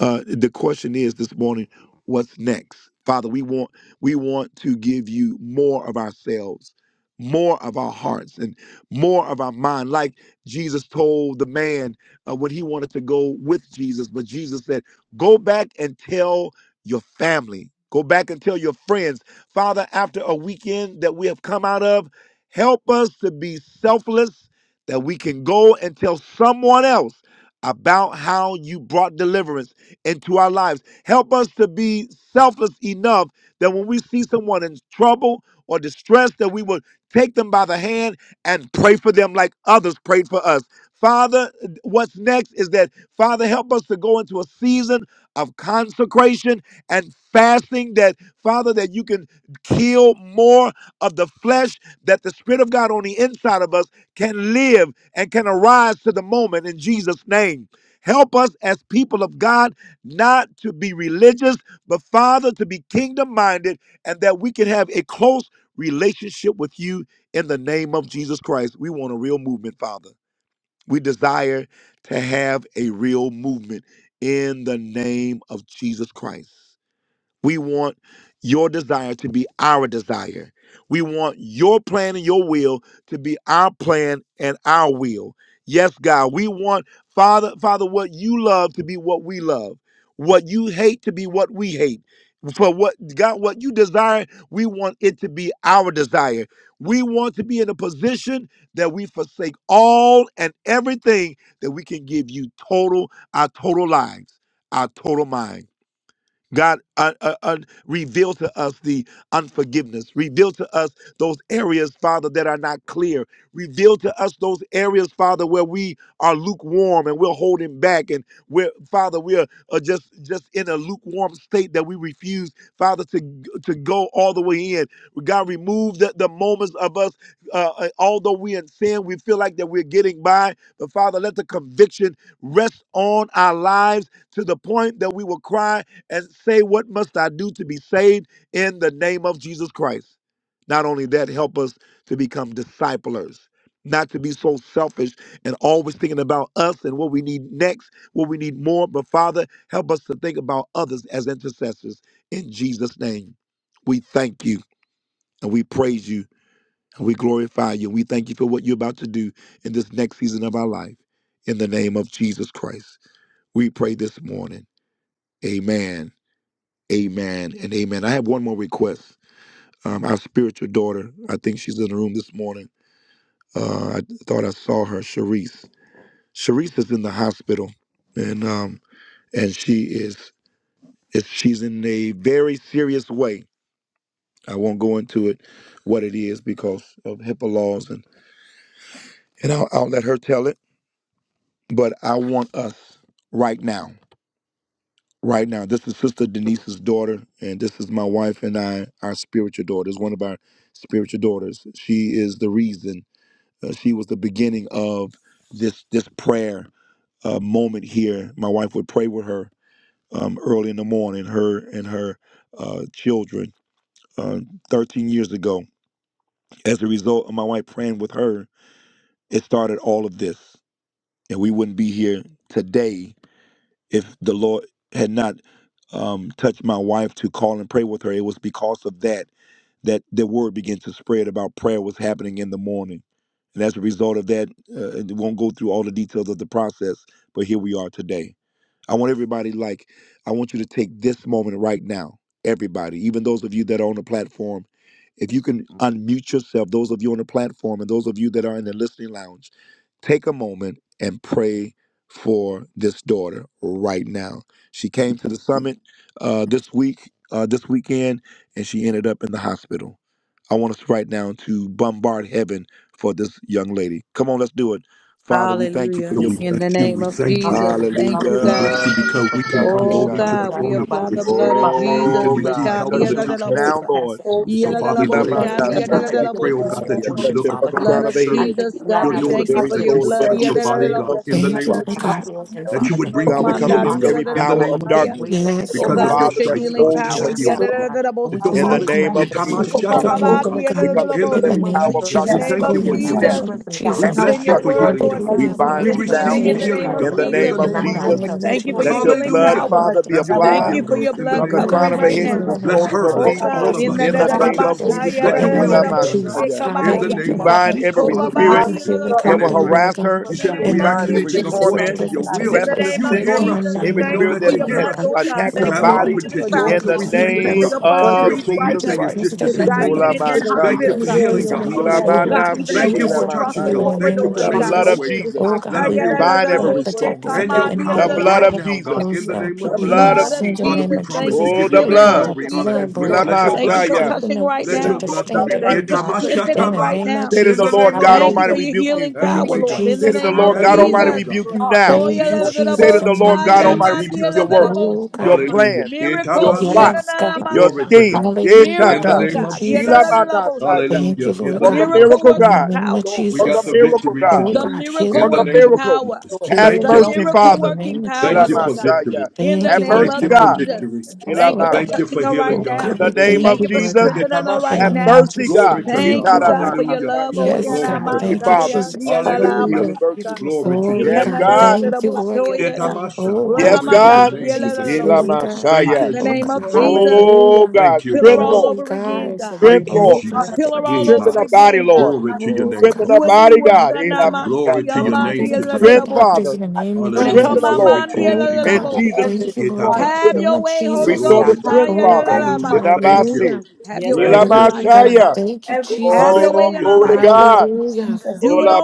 Speaker 2: uh, the question is this morning what's next father we want we want to give you more of ourselves more of our hearts and more of our mind like jesus told the man uh, when he wanted to go with jesus but jesus said go back and tell your family go back and tell your friends father after a weekend that we have come out of help us to be selfless that we can go and tell someone else about how you brought deliverance into our lives. Help us to be selfless enough that when we see someone in trouble or distress, that we will take them by the hand and pray for them like others prayed for us. Father, what's next is that, Father, help us to go into a season of consecration and fasting that, Father, that you can kill more of the flesh, that the Spirit of God on the inside of us can live and can arise to the moment in Jesus' name. Help us as people of God not to be religious, but Father, to be kingdom minded, and that we can have a close relationship with you in the name of Jesus Christ. We want a real movement, Father. We desire to have a real movement in the name of Jesus Christ. We want your desire to be our desire. We want your plan and your will to be our plan and our will. Yes, God, we want, Father, Father, what you love to be what we love, what you hate to be what we hate. For what God, what you desire, we want it to be our desire. We want to be in a position that we forsake all and everything that we can give you total, our total lives, our total minds. God, uh, uh, uh, reveal to us the unforgiveness. Reveal to us those areas, Father, that are not clear. Reveal to us those areas, Father, where we are lukewarm and we're holding back, and where, Father, we are uh, just just in a lukewarm state that we refuse, Father, to to go all the way in. God, remove the, the moments of us, uh, uh, although we in sin, we feel like that we're getting by. But Father, let the conviction rest on our lives to the point that we will cry and say, What must I do to be saved in the name of Jesus Christ? Not only that, help us to become disciplers, not to be so selfish and always thinking about us and what we need next, what we need more. But Father, help us to think about others as intercessors. In Jesus' name, we thank you and we praise you and we glorify you. We thank you for what you're about to do in this next season of our life. In the name of Jesus Christ, we pray this morning. Amen Amen and amen. I have one more request. Um, our spiritual daughter, I think she's in the room this morning. Uh, I thought I saw her, Sharice. Sharice is in the hospital, and um, and she is, is she's in a very serious way. I won't go into it, what it is because of HIPAA laws, and and I'll, I'll let her tell it. But I want us right now. right now. This is Sister Denise's daughter, and this is my wife and I, our spiritual daughter. It's one of our spiritual daughters. She is the reason. Uh, she was the beginning of this this prayer uh, moment here. My wife would pray with her um, early in the morning. Her and her uh, children. Uh, 13 years ago, as a result of my wife praying with her, it started all of this, and we wouldn't be here today if the Lord had not um, touched my wife to call and pray with her, it was because of that that the word began to spread about prayer was happening in the morning. And as a result of that, uh, and we won't go through all the details of the process, but here we are today. I want everybody like I want you to take this moment right now. Everybody, even those of you that are on the platform, if you can unmute yourself, those of you on the platform and those of you that are in the listening lounge, take a moment and pray for this daughter right now. She came to the summit uh, this week, uh, this weekend, and she ended up in the hospital. I want us right now to bombard heaven for this young lady. Come on, let's do it. Father, we thank you for
Speaker 10: So
Speaker 3: He
Speaker 2: your
Speaker 10: We
Speaker 3: said
Speaker 2: blood.
Speaker 10: bless you.
Speaker 3: that
Speaker 10: We thank you. We bless
Speaker 2: Hallelujah.
Speaker 10: you because we can come
Speaker 3: you
Speaker 10: boldly to the
Speaker 2: Yilabashaya.
Speaker 10: throne of grace. We can
Speaker 2: Oh
Speaker 10: receive
Speaker 2: God,
Speaker 10: help
Speaker 3: are
Speaker 10: in
Speaker 2: touch
Speaker 10: the
Speaker 2: your
Speaker 10: time
Speaker 2: reach
Speaker 10: of trouble.
Speaker 2: now, Lord.
Speaker 10: And so,
Speaker 3: the
Speaker 10: Father, in the name of Jesus,
Speaker 2: Yilabanasaya,
Speaker 10: we pray, oh God, that you
Speaker 2: lamasaya.
Speaker 10: would
Speaker 2: Touch
Speaker 10: look
Speaker 2: it from the
Speaker 10: upon
Speaker 2: crown
Speaker 10: your
Speaker 2: of her head
Speaker 10: servant, your
Speaker 3: body
Speaker 2: to
Speaker 10: daughter,
Speaker 2: the
Speaker 10: God,
Speaker 2: very
Speaker 10: that you
Speaker 2: soles of
Speaker 10: would
Speaker 2: her
Speaker 10: touch her
Speaker 2: feet in
Speaker 6: Jesus.
Speaker 2: the
Speaker 10: body,
Speaker 2: name
Speaker 10: God,
Speaker 2: of
Speaker 10: in the
Speaker 2: Jesus
Speaker 6: Thank you,
Speaker 10: name of
Speaker 6: Lord
Speaker 2: Christ.
Speaker 6: God.
Speaker 10: Jesus, that
Speaker 2: We
Speaker 10: you would bring
Speaker 2: God, we
Speaker 10: forth
Speaker 2: come
Speaker 6: Thank
Speaker 10: healing,
Speaker 2: against
Speaker 10: God,
Speaker 6: you.
Speaker 2: every
Speaker 10: in the
Speaker 2: power
Speaker 10: name
Speaker 2: of
Speaker 10: of
Speaker 3: with
Speaker 10: Jesus
Speaker 2: darkness,
Speaker 6: Yes,
Speaker 10: because
Speaker 6: Lord
Speaker 10: of
Speaker 6: God.
Speaker 10: your
Speaker 2: Father, that's
Speaker 10: stripes, God.
Speaker 2: holding
Speaker 10: She's
Speaker 2: her
Speaker 6: Jesus.
Speaker 3: the
Speaker 10: healed,
Speaker 3: Lord,
Speaker 2: captive
Speaker 10: Father. And so,
Speaker 2: in the
Speaker 6: Oh
Speaker 10: Father,
Speaker 2: name
Speaker 6: God,
Speaker 2: of
Speaker 3: yes,
Speaker 2: Jesus
Speaker 6: Jesus,
Speaker 3: that
Speaker 6: the
Speaker 2: Christ.
Speaker 6: blood
Speaker 10: itamashatanoka,
Speaker 6: of
Speaker 2: We
Speaker 6: God.
Speaker 2: come
Speaker 10: in
Speaker 2: against
Speaker 10: the
Speaker 6: In the
Speaker 10: name
Speaker 2: every
Speaker 10: of
Speaker 6: name
Speaker 2: power
Speaker 6: of
Speaker 2: of
Speaker 3: you with
Speaker 10: Jesus, we
Speaker 2: darkness.
Speaker 6: Jesus,
Speaker 2: We
Speaker 10: thank
Speaker 2: come
Speaker 10: you for
Speaker 2: against
Speaker 6: cleanse in the
Speaker 10: healing,
Speaker 2: death
Speaker 10: God.
Speaker 6: name of
Speaker 3: God
Speaker 10: We
Speaker 2: and
Speaker 6: Jesus.
Speaker 10: bless you for
Speaker 2: destruction.
Speaker 10: healing, God.
Speaker 2: We
Speaker 6: Hallelujah, Lord
Speaker 10: We
Speaker 2: bind
Speaker 6: God.
Speaker 2: you now
Speaker 6: Cover,
Speaker 10: receive
Speaker 3: in the
Speaker 6: Lord
Speaker 10: healing,
Speaker 6: God.
Speaker 2: In
Speaker 10: God,
Speaker 2: the
Speaker 10: in the
Speaker 2: name
Speaker 6: In
Speaker 2: of
Speaker 6: the
Speaker 10: name of
Speaker 6: mighty
Speaker 2: Jesus,
Speaker 3: Lord,
Speaker 6: name
Speaker 10: Jesus.
Speaker 6: of
Speaker 3: even
Speaker 6: Jesus,
Speaker 2: let
Speaker 6: the
Speaker 2: your
Speaker 6: goodness
Speaker 2: blood,
Speaker 10: Hallelujah.
Speaker 6: of the
Speaker 2: Father, be
Speaker 10: Have
Speaker 6: darkness,
Speaker 10: your
Speaker 6: Lord
Speaker 10: way,
Speaker 2: applied
Speaker 10: dear
Speaker 6: God.
Speaker 10: God, in the
Speaker 2: from the
Speaker 6: Oh
Speaker 10: name of
Speaker 2: crown of her
Speaker 6: God,
Speaker 10: Jesus.
Speaker 2: head to
Speaker 6: even in
Speaker 2: the
Speaker 6: the
Speaker 10: Bless
Speaker 2: soles of
Speaker 10: her,
Speaker 2: her
Speaker 6: mouths of the
Speaker 10: bless
Speaker 2: feet.
Speaker 10: all
Speaker 6: darkness
Speaker 10: of
Speaker 6: in
Speaker 10: us,
Speaker 6: the
Speaker 2: In the
Speaker 10: God.
Speaker 6: hands of the
Speaker 10: Touch
Speaker 2: name of
Speaker 10: us.
Speaker 6: darkness.
Speaker 2: Jesus
Speaker 3: as
Speaker 10: Let
Speaker 2: Christ.
Speaker 10: your
Speaker 6: In the
Speaker 10: will
Speaker 2: Ela
Speaker 6: name
Speaker 10: be
Speaker 6: of
Speaker 10: done, God,
Speaker 6: Jesus,
Speaker 2: Mashaya.
Speaker 3: we
Speaker 10: in the
Speaker 2: We
Speaker 6: hallelujah.
Speaker 10: name of
Speaker 2: bind
Speaker 10: Jesus.
Speaker 2: every
Speaker 6: Oh
Speaker 10: Father, we
Speaker 3: hear,
Speaker 6: God,
Speaker 10: thank
Speaker 2: spirit
Speaker 6: the
Speaker 10: you
Speaker 3: we
Speaker 6: healing
Speaker 3: bind
Speaker 2: that
Speaker 10: in
Speaker 6: come
Speaker 2: will
Speaker 6: through, Lord
Speaker 10: advance.
Speaker 2: harass
Speaker 6: God.
Speaker 2: her.
Speaker 10: You said if
Speaker 3: it
Speaker 2: We
Speaker 6: In
Speaker 10: we
Speaker 6: the
Speaker 10: ask
Speaker 2: bind
Speaker 6: name of
Speaker 2: every
Speaker 3: in
Speaker 10: anything
Speaker 3: the
Speaker 6: Jesus,
Speaker 3: name of
Speaker 6: let
Speaker 10: according
Speaker 2: torment,
Speaker 10: to your
Speaker 6: deliverance take
Speaker 10: will,
Speaker 6: place
Speaker 10: you
Speaker 2: restlessness,
Speaker 3: Lord,
Speaker 10: hear
Speaker 6: in our
Speaker 10: us, and
Speaker 6: mind
Speaker 2: every
Speaker 10: we
Speaker 6: and our
Speaker 10: know
Speaker 2: spirit
Speaker 10: that
Speaker 2: that
Speaker 3: he,
Speaker 10: you
Speaker 6: heart,
Speaker 10: hear
Speaker 2: has
Speaker 6: Lord
Speaker 10: us.
Speaker 6: God.
Speaker 3: he,
Speaker 2: attacked
Speaker 6: Let
Speaker 10: We
Speaker 2: her
Speaker 6: her
Speaker 10: have
Speaker 6: yield
Speaker 10: our
Speaker 2: body.
Speaker 6: unto you
Speaker 10: petition,
Speaker 6: a
Speaker 10: and
Speaker 3: Lord,
Speaker 2: In
Speaker 3: God,
Speaker 10: so
Speaker 2: the
Speaker 10: we
Speaker 6: complete
Speaker 10: thank you,
Speaker 2: name
Speaker 6: loss,
Speaker 10: God.
Speaker 6: Lord God.
Speaker 10: The
Speaker 2: of
Speaker 6: Not
Speaker 10: appropriate
Speaker 2: Jesus
Speaker 3: that you
Speaker 10: thing
Speaker 6: just
Speaker 10: is
Speaker 6: because
Speaker 2: Christ.
Speaker 10: just
Speaker 6: of
Speaker 10: to
Speaker 6: that
Speaker 10: say
Speaker 3: bless
Speaker 6: illness,
Speaker 10: thank
Speaker 6: but
Speaker 2: Ola
Speaker 10: you.
Speaker 6: because of her
Speaker 10: Thank you
Speaker 2: Mashaya.
Speaker 6: heart
Speaker 10: for healing, God.
Speaker 6: desires
Speaker 2: Ela
Speaker 6: you,
Speaker 10: Hallelujah.
Speaker 6: Lord God. She
Speaker 10: Thank
Speaker 3: his
Speaker 2: Manaseke
Speaker 10: you
Speaker 2: La
Speaker 10: for
Speaker 6: desires
Speaker 10: touching,
Speaker 6: you in
Speaker 2: Mashaya.
Speaker 10: God.
Speaker 3: Lord,
Speaker 6: the
Speaker 10: Thank
Speaker 6: name
Speaker 10: you
Speaker 6: of
Speaker 10: for
Speaker 2: The
Speaker 3: by
Speaker 10: making
Speaker 2: blood
Speaker 10: a
Speaker 6: Jesus.
Speaker 2: of
Speaker 10: way, God.
Speaker 2: Jesus.
Speaker 6: Oh
Speaker 3: God,
Speaker 10: Let
Speaker 6: God,
Speaker 10: us
Speaker 6: we
Speaker 10: feel your
Speaker 2: Bind
Speaker 6: block
Speaker 2: every
Speaker 10: presence
Speaker 6: the tactics
Speaker 2: stronghold.
Speaker 6: of
Speaker 10: and
Speaker 6: the
Speaker 10: your
Speaker 6: enemy,
Speaker 2: The
Speaker 10: power
Speaker 6: Lord
Speaker 2: blood
Speaker 10: right
Speaker 2: of
Speaker 6: God.
Speaker 10: now,
Speaker 3: God,
Speaker 10: God,
Speaker 2: Jesus.
Speaker 10: in
Speaker 6: Those
Speaker 10: the
Speaker 6: uh,
Speaker 10: name of
Speaker 2: The
Speaker 6: people you
Speaker 3: through
Speaker 2: blood
Speaker 6: may
Speaker 10: Jesus.
Speaker 3: your
Speaker 2: of
Speaker 6: send in the
Speaker 10: Father,
Speaker 2: Jesus.
Speaker 10: we
Speaker 6: name of
Speaker 10: promise to
Speaker 6: Jesus.
Speaker 2: Oh,
Speaker 10: give
Speaker 2: the
Speaker 10: your
Speaker 6: We
Speaker 10: name
Speaker 6: apply the
Speaker 2: blood.
Speaker 10: glory, honor, and
Speaker 6: blood, Lord
Speaker 10: praise.
Speaker 3: Lord,
Speaker 6: God,
Speaker 10: Let
Speaker 6: just
Speaker 10: your
Speaker 6: the
Speaker 10: blood cover.
Speaker 2: Yilamashaya.
Speaker 6: strength and the
Speaker 2: Say
Speaker 10: Let
Speaker 2: to
Speaker 3: we're
Speaker 6: wisdom
Speaker 10: your
Speaker 2: the
Speaker 6: to
Speaker 2: Lord
Speaker 10: blood
Speaker 3: here
Speaker 2: God
Speaker 6: stand
Speaker 10: prevail.
Speaker 6: in
Speaker 2: Almighty,
Speaker 6: you, God.
Speaker 2: rebuke
Speaker 3: to
Speaker 2: you.
Speaker 6: In
Speaker 3: most
Speaker 6: the
Speaker 10: Itamashatama,
Speaker 6: name of
Speaker 2: Say to
Speaker 10: In
Speaker 2: the
Speaker 3: of
Speaker 10: the
Speaker 6: Jesus,
Speaker 2: Lord
Speaker 10: name of
Speaker 2: God Almighty,
Speaker 6: hallelujah.
Speaker 10: Jesus.
Speaker 2: rebuke you.
Speaker 3: the
Speaker 10: Have your
Speaker 6: Thank
Speaker 10: way,
Speaker 6: you,
Speaker 10: God.
Speaker 2: Say
Speaker 6: Jesus,
Speaker 2: to the Lord
Speaker 10: Have
Speaker 2: God
Speaker 10: your
Speaker 2: Almighty,
Speaker 10: way,
Speaker 6: hallelujah.
Speaker 10: God.
Speaker 2: rebuke you
Speaker 3: recharge,
Speaker 2: now.
Speaker 10: In
Speaker 6: Thank you,
Speaker 3: Lord,
Speaker 10: Jesus'
Speaker 2: Say
Speaker 10: name.
Speaker 2: to
Speaker 6: Jesus,
Speaker 3: your
Speaker 6: in
Speaker 2: the
Speaker 6: the
Speaker 3: God,
Speaker 2: Lord
Speaker 6: name of
Speaker 2: God
Speaker 10: In
Speaker 2: Almighty,
Speaker 6: Jesus.
Speaker 2: rebuke
Speaker 10: Jesus'
Speaker 2: your
Speaker 3: Lord,
Speaker 10: name.
Speaker 2: works,
Speaker 6: Oh,
Speaker 2: your
Speaker 6: God.
Speaker 10: Hallelujah.
Speaker 2: plans,
Speaker 3: Lord,
Speaker 2: your
Speaker 10: Itamasha.
Speaker 6: Yes,
Speaker 2: plots,
Speaker 3: we,
Speaker 6: God.
Speaker 2: your
Speaker 10: Glory to
Speaker 2: schemes.
Speaker 10: God.
Speaker 6: Hallelujah.
Speaker 10: In
Speaker 3: Lord,
Speaker 10: the
Speaker 2: Yeshata.
Speaker 6: Thank
Speaker 10: name
Speaker 6: you,
Speaker 10: of Jesus.
Speaker 6: Jesus.
Speaker 2: Ilamanasaya.
Speaker 6: Thank
Speaker 10: Hallelujah.
Speaker 6: you,
Speaker 10: In
Speaker 6: Lord
Speaker 10: the
Speaker 2: Work a
Speaker 6: God.
Speaker 10: name of
Speaker 2: miracle,
Speaker 6: In
Speaker 10: Jesus.
Speaker 6: the
Speaker 2: God.
Speaker 6: name of
Speaker 3: Lord, we,
Speaker 10: We
Speaker 2: Work a
Speaker 10: got the
Speaker 6: Jesus.
Speaker 2: miracle,
Speaker 10: victory
Speaker 2: God.
Speaker 6: Oh,
Speaker 10: today.
Speaker 3: Lord,
Speaker 6: God.
Speaker 10: In
Speaker 2: Work
Speaker 6: Healing,
Speaker 10: the
Speaker 2: a
Speaker 10: name
Speaker 6: God.
Speaker 10: of
Speaker 2: miracle.
Speaker 10: Jesus.
Speaker 3: Lord,
Speaker 2: Have
Speaker 10: Thank
Speaker 3: but
Speaker 10: you.
Speaker 6: Healing,
Speaker 3: only
Speaker 10: For,
Speaker 2: mercy,
Speaker 6: God.
Speaker 3: you
Speaker 6: In
Speaker 2: Father.
Speaker 6: the name of
Speaker 10: thank you for
Speaker 6: Jesus.
Speaker 10: victory.
Speaker 2: Elamashaya.
Speaker 6: Thank
Speaker 2: Have
Speaker 6: you, Lord
Speaker 10: Thank
Speaker 2: mercy,
Speaker 10: you
Speaker 6: God.
Speaker 10: for
Speaker 2: God.
Speaker 10: victory.
Speaker 6: Yes,
Speaker 3: can
Speaker 6: Lord God.
Speaker 10: Thank you for
Speaker 2: Elamashaya.
Speaker 10: healing,
Speaker 6: Oh,
Speaker 10: God.
Speaker 2: In
Speaker 6: God,
Speaker 2: the
Speaker 6: we
Speaker 2: name
Speaker 6: thank
Speaker 10: Hallelujah.
Speaker 2: of
Speaker 6: you, Lord
Speaker 2: Jesus,
Speaker 6: God. In the
Speaker 2: have
Speaker 10: Itamasha.
Speaker 6: name of
Speaker 2: mercy,
Speaker 6: Jesus,
Speaker 2: God.
Speaker 10: Glory
Speaker 6: we
Speaker 10: to
Speaker 6: thank
Speaker 10: God.
Speaker 6: you, Lord.
Speaker 10: Hallelujah.
Speaker 2: Itaramanasaya.
Speaker 6: Yes,
Speaker 10: Glory
Speaker 6: God.
Speaker 10: to
Speaker 2: Mercy,
Speaker 6: Thank
Speaker 10: God.
Speaker 6: you,
Speaker 2: Father.
Speaker 6: Jesus.
Speaker 2: Thank you for your
Speaker 10: Hallelujah.
Speaker 2: healing
Speaker 6: Hallelujah.
Speaker 2: virtue.
Speaker 10: Glory to your
Speaker 6: Glory,
Speaker 2: Yes,
Speaker 10: name
Speaker 6: God.
Speaker 10: today.
Speaker 2: God.
Speaker 6: Thank you, Lord.
Speaker 3: heal, heal,
Speaker 10: Itamasha.
Speaker 6: Oh,
Speaker 2: Yes,
Speaker 6: God.
Speaker 10: Glory
Speaker 6: We
Speaker 10: to your
Speaker 6: thank
Speaker 2: God.
Speaker 6: you,
Speaker 10: name today.
Speaker 6: Jesus, healing,
Speaker 3: heal.
Speaker 6: God.
Speaker 10: Thank you,
Speaker 2: Elamashaya.
Speaker 6: Oh, God.
Speaker 10: Jesus.
Speaker 2: Oh,
Speaker 6: Hallelujah.
Speaker 2: God.
Speaker 10: Thank you,
Speaker 2: Strength,
Speaker 10: Jesus.
Speaker 2: Lord.
Speaker 6: Glory, God.
Speaker 2: Strength,
Speaker 10: Thank you,
Speaker 6: Oh,
Speaker 2: Lord.
Speaker 6: God.
Speaker 10: Jesus.
Speaker 6: Thank you,
Speaker 10: Hey,
Speaker 2: Strengthen
Speaker 10: my.
Speaker 2: our
Speaker 6: Jesus.
Speaker 2: body, Lord.
Speaker 10: Glory to your
Speaker 6: Oh,
Speaker 10: name,
Speaker 6: God.
Speaker 2: Strengthen
Speaker 10: Father.
Speaker 2: our
Speaker 6: Cover the
Speaker 2: body,
Speaker 6: man,
Speaker 2: God.
Speaker 6: God.
Speaker 3: God.
Speaker 2: Elamashaya.
Speaker 10: Glory to
Speaker 6: Oh,
Speaker 10: your
Speaker 3: In the
Speaker 6: God.
Speaker 3: name
Speaker 10: name
Speaker 6: Even cover
Speaker 3: of
Speaker 10: today,
Speaker 6: the
Speaker 3: Jesus,
Speaker 2: Strength,
Speaker 10: Father.
Speaker 6: doctors
Speaker 2: Father.
Speaker 6: in the name of
Speaker 3: strength.
Speaker 10: Hallelujah.
Speaker 2: Strengthen the
Speaker 6: Jesus.
Speaker 2: Lord.
Speaker 10: Glory to your
Speaker 6: Oh,
Speaker 10: name
Speaker 2: In
Speaker 6: God.
Speaker 10: today.
Speaker 6: We
Speaker 2: Jesus' name,
Speaker 6: thank you, Lord,
Speaker 2: restore the
Speaker 3: Yes,
Speaker 6: God. In the
Speaker 10: Itamasha.
Speaker 2: strength.
Speaker 6: name of
Speaker 3: please, you,
Speaker 6: Jesus.
Speaker 2: Restore
Speaker 3: God.
Speaker 2: the
Speaker 10: Glory to
Speaker 2: strength,
Speaker 10: God.
Speaker 6: Oh,
Speaker 2: Father.
Speaker 6: God.
Speaker 10: Hallelujah. Thank you.
Speaker 2: Ilamasi.
Speaker 6: Hallelujah.
Speaker 3: Yes, Lord.
Speaker 10: Thank you,
Speaker 6: Glory,
Speaker 10: Father.
Speaker 6: God.
Speaker 2: Ilamashaya.
Speaker 6: Thank you, Jesus.
Speaker 2: Oh,
Speaker 10: Hallelujah.
Speaker 2: glory to
Speaker 10: Thank you, Father.
Speaker 2: God.
Speaker 6: Hallelujah.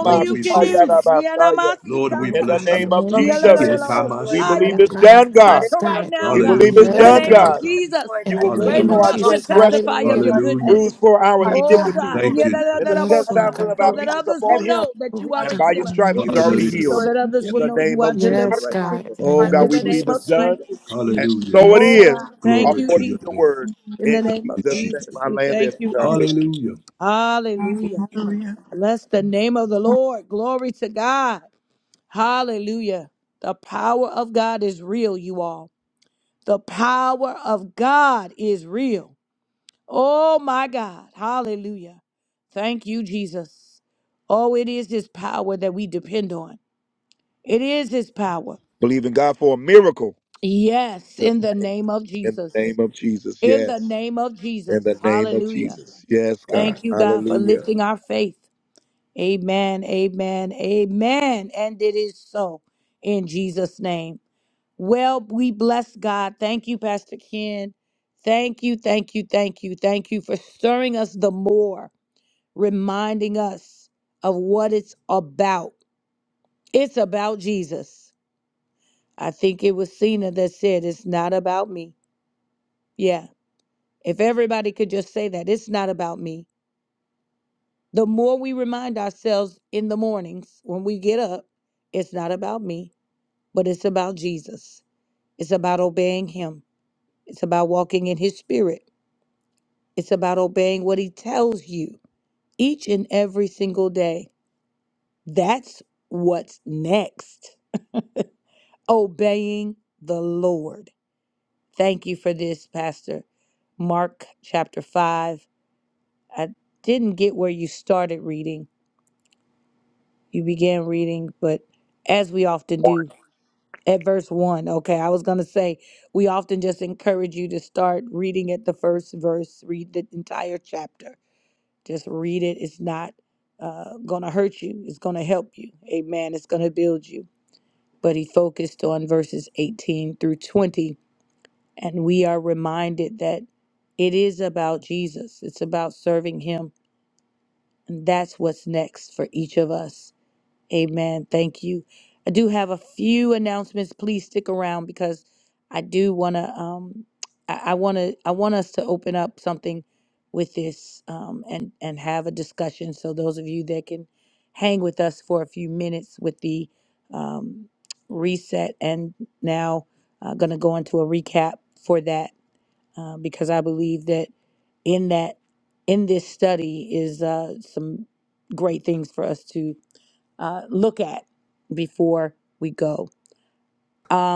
Speaker 10: Lord,
Speaker 6: Thank you,
Speaker 10: we thank you.
Speaker 6: Jesus.
Speaker 2: Namashaya.
Speaker 10: Lord, we
Speaker 6: Oh
Speaker 2: In the
Speaker 6: God,
Speaker 10: bless
Speaker 6: in
Speaker 2: name
Speaker 6: the
Speaker 10: you.
Speaker 2: of
Speaker 6: name of
Speaker 2: Jesus,
Speaker 6: Jesus.
Speaker 2: we
Speaker 10: Itamasha.
Speaker 2: believe
Speaker 6: Oh
Speaker 2: it's
Speaker 6: God,
Speaker 2: done, God.
Speaker 6: yes, God.
Speaker 2: We believe it's
Speaker 10: Hallelujah.
Speaker 6: Yes,
Speaker 2: done,
Speaker 10: Glory to
Speaker 6: God.
Speaker 2: God.
Speaker 10: God.
Speaker 6: In
Speaker 2: You
Speaker 6: the
Speaker 2: were wounded
Speaker 6: name of
Speaker 2: for
Speaker 10: Hallelujah.
Speaker 2: our
Speaker 6: Jesus.
Speaker 2: transgression,
Speaker 6: Hallelujah.
Speaker 10: Hallelujah.
Speaker 2: bruised for our
Speaker 6: Oh God.
Speaker 2: iniquities.
Speaker 10: Thank you,
Speaker 2: And the
Speaker 6: Yes, Lord
Speaker 2: chastisement of
Speaker 6: God.
Speaker 2: our peace is upon him.
Speaker 6: Oh
Speaker 2: And
Speaker 6: God,
Speaker 2: by your
Speaker 6: in the
Speaker 2: stripes,
Speaker 6: name
Speaker 10: God.
Speaker 6: of
Speaker 2: he's already healed.
Speaker 6: Jesus.
Speaker 10: Hallelujah.
Speaker 2: In the name of Jesus.
Speaker 6: Yes, God. In the
Speaker 2: Oh
Speaker 6: name
Speaker 2: God,
Speaker 6: of
Speaker 2: we believe it's
Speaker 6: Jesus.
Speaker 2: done, and
Speaker 10: Hallelujah.
Speaker 2: so it
Speaker 6: Yes.
Speaker 2: is,
Speaker 10: Glory to
Speaker 2: according to
Speaker 10: your
Speaker 2: your
Speaker 10: name.
Speaker 2: word. In
Speaker 10: In
Speaker 2: Jesus' name,
Speaker 10: Jesus.
Speaker 2: I land there, sweetheart. Thank you.
Speaker 10: Hallelujah.
Speaker 2: Believe in God for a miracle. In Jesus' name. In the name of Jesus. Yes. In the name of Jesus. Yes, God. Hallelujah.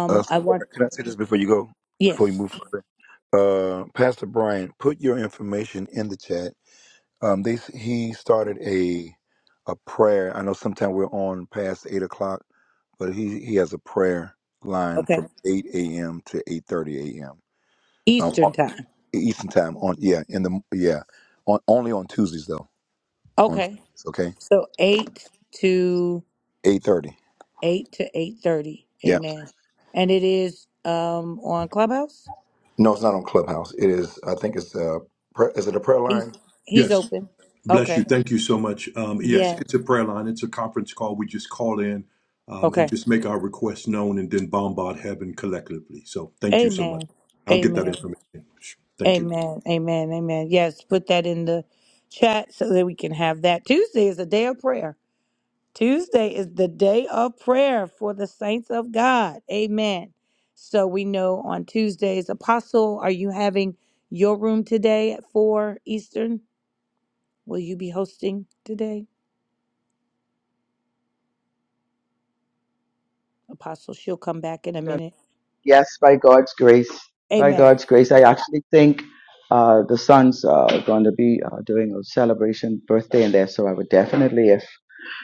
Speaker 2: Uh, sweetheart, can I say this before you go? Before you move further, uh, Pastor Brian, put your information in the chat. Um, they he started a a prayer. I know sometimes we're on past eight o'clock. but he he has a prayer line from 8 a.m. to 8:30 a.m. Um, on- Eastern time on yeah in the yeah on only on Tuesdays though on Tuesdays okay 8:30 yeah no it's not on Clubhouse it is I think it's uh pra- is it a prayer line
Speaker 10: Yes. Bless you. Thank you so much. Um, yes, it's a prayer line. It's a conference call. We just call in um, and just make our requests known and then bombard heaven collectively. So thank you so much. I'll get that information. Thank you.
Speaker 9: And, uh, Yes, by God's grace. By God's grace. I actually think uh, the sons are going to be uh, doing a celebration birthday in there. So I would definitely, if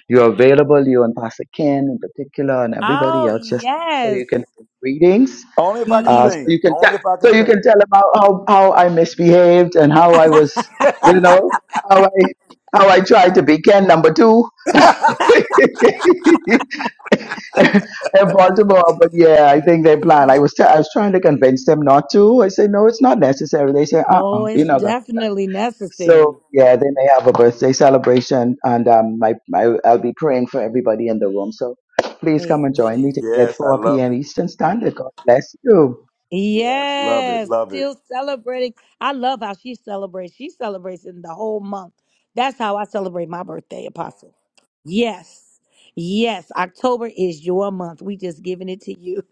Speaker 9: you're available, you and Pastor Ken in particular and everybody else, just so you can greetings.
Speaker 2: only if I can
Speaker 9: Uh, so
Speaker 2: sing
Speaker 9: you can tell,
Speaker 2: only if I can
Speaker 9: so you
Speaker 2: sing
Speaker 9: can tell them how, how I misbehaved and how I was, you know, how I, how I tried to be Ken number two in Baltimore, but yeah, I think they plan. I was t- I was trying to convince them not to. I said, no, it's not necessary. They say, uh, uh-uh, you know. But so yeah, then they have a birthday celebration, and um, my, my I'll be praying for everybody in the room. So please come and join me today at
Speaker 2: yes I
Speaker 9: 4
Speaker 2: love
Speaker 9: p.m.
Speaker 2: it
Speaker 9: Eastern Standard. God bless you.
Speaker 2: love it love it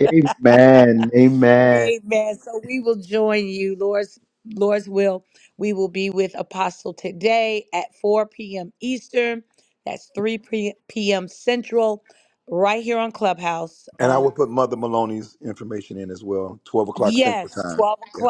Speaker 9: Amen. Amen.
Speaker 2: and I will put Mother Maloney's information in as well 12 o'clock Central time yeah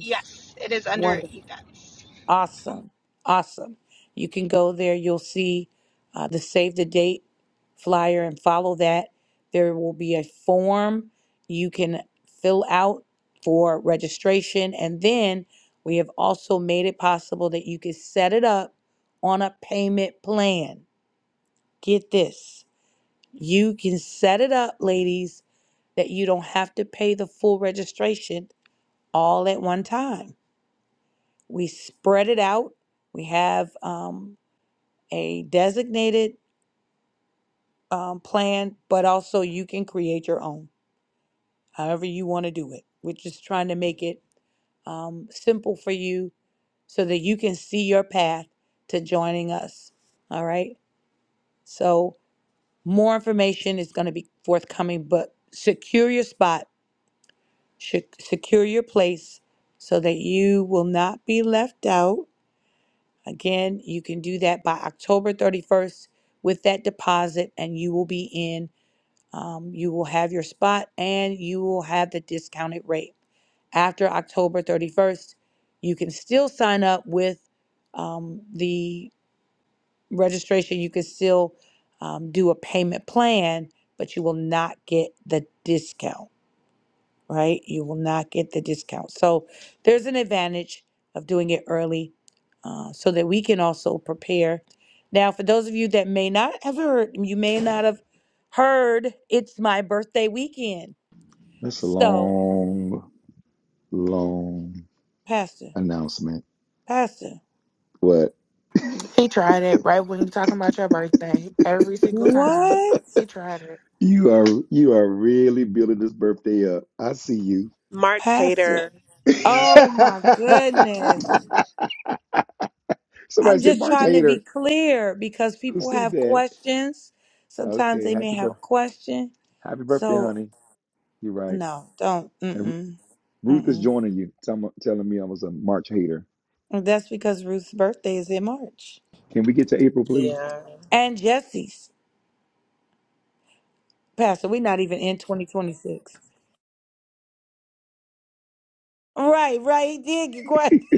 Speaker 15: Yes, it is under events.
Speaker 2: That's a long, long announcement. What?
Speaker 6: He tried it right when you're talking about your birthday. Every single time. He tried it.
Speaker 2: You are you are really building this birthday up. I see you.
Speaker 11: March hater.
Speaker 2: Somebody said March Hater. Who said that? Okay, happy birth, happy birthday, honey. You're right. And Ru- Ruth is joining you. Tell, telling me I was a March Hater. Can we get to April, please?
Speaker 11: Yeah.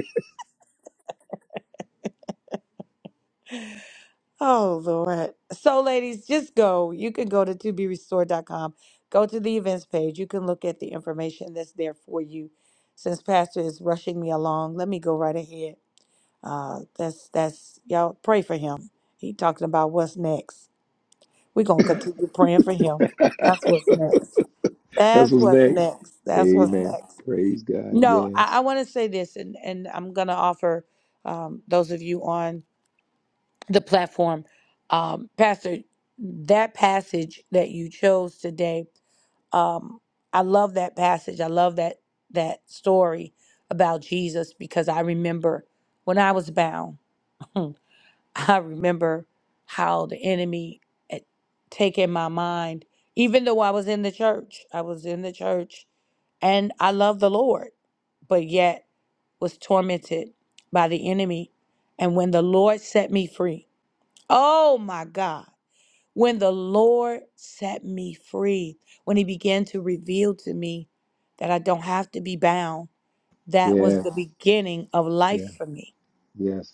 Speaker 2: That's what's next. Amen. Praise God. Yes. Yes. Yeah. Yes.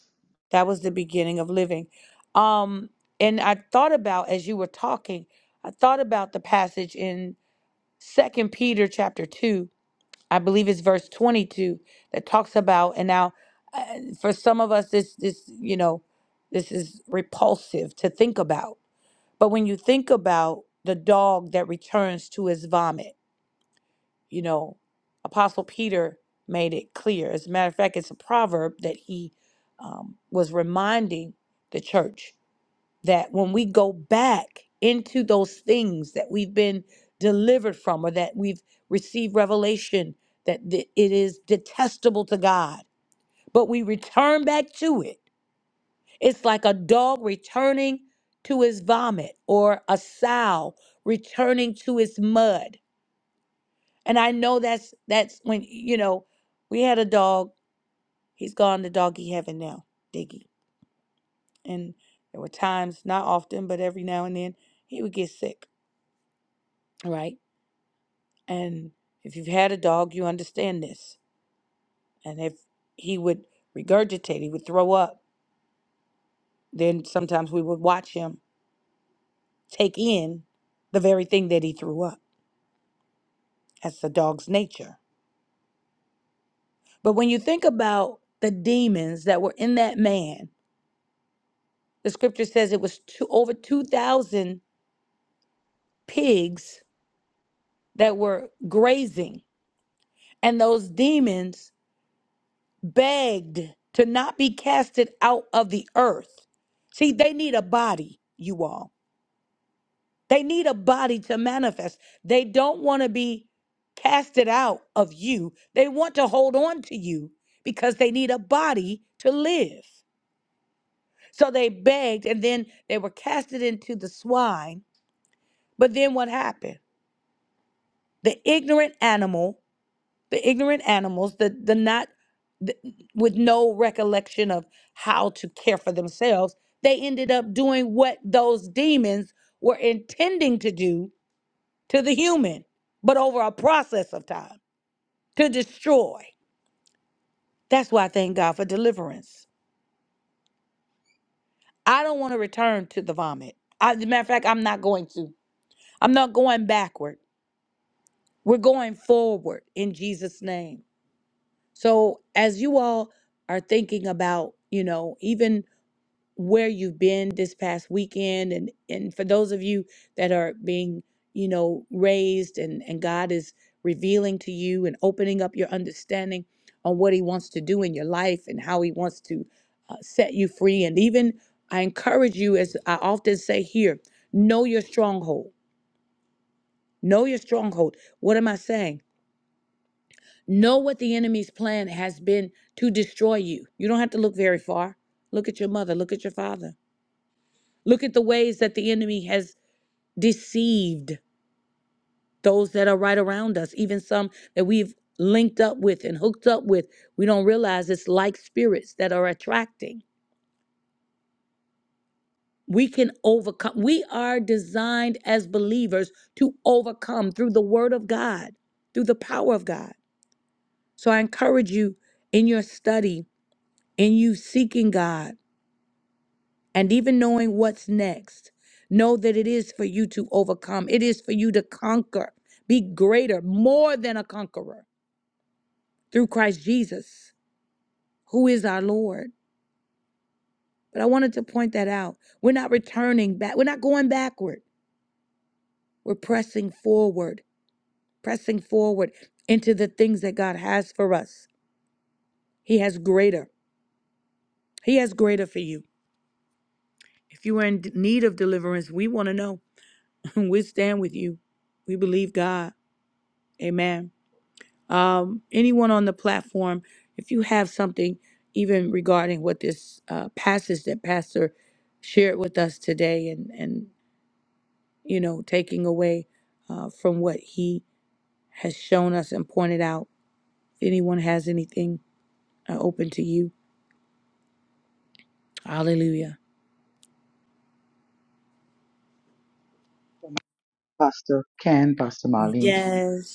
Speaker 9: Pastor Ken, Pastor Marlene,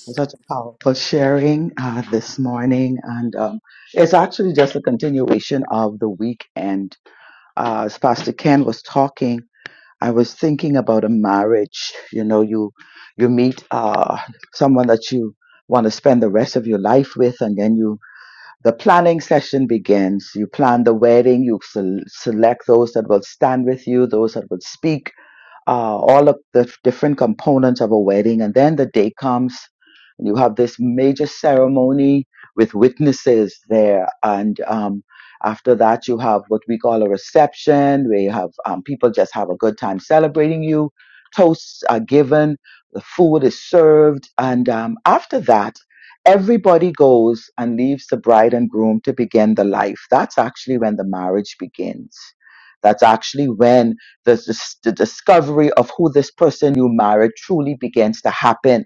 Speaker 9: for such a powerful sharing uh, this morning. And um, it's actually just a continuation of the weekend. Uh, as Pastor Ken was talking, I was thinking about a marriage. You know, you you meet uh, someone that you want to spend the rest of your life with, and then you the planning session begins. You plan the wedding. You sel- select those that will stand with you, those that will speak uh, all of the different components of a wedding. And then the day comes, and you have this major ceremony with witnesses there. And um, after that, you have what we call a reception, where you have um, people just have a good time celebrating you. Toasts are given, the food is served. And um, after that, everybody goes and leaves the bride and groom to begin the life. That's actually when the marriage begins. That's actually when the, dis- the discovery of who this person you married truly begins to happen.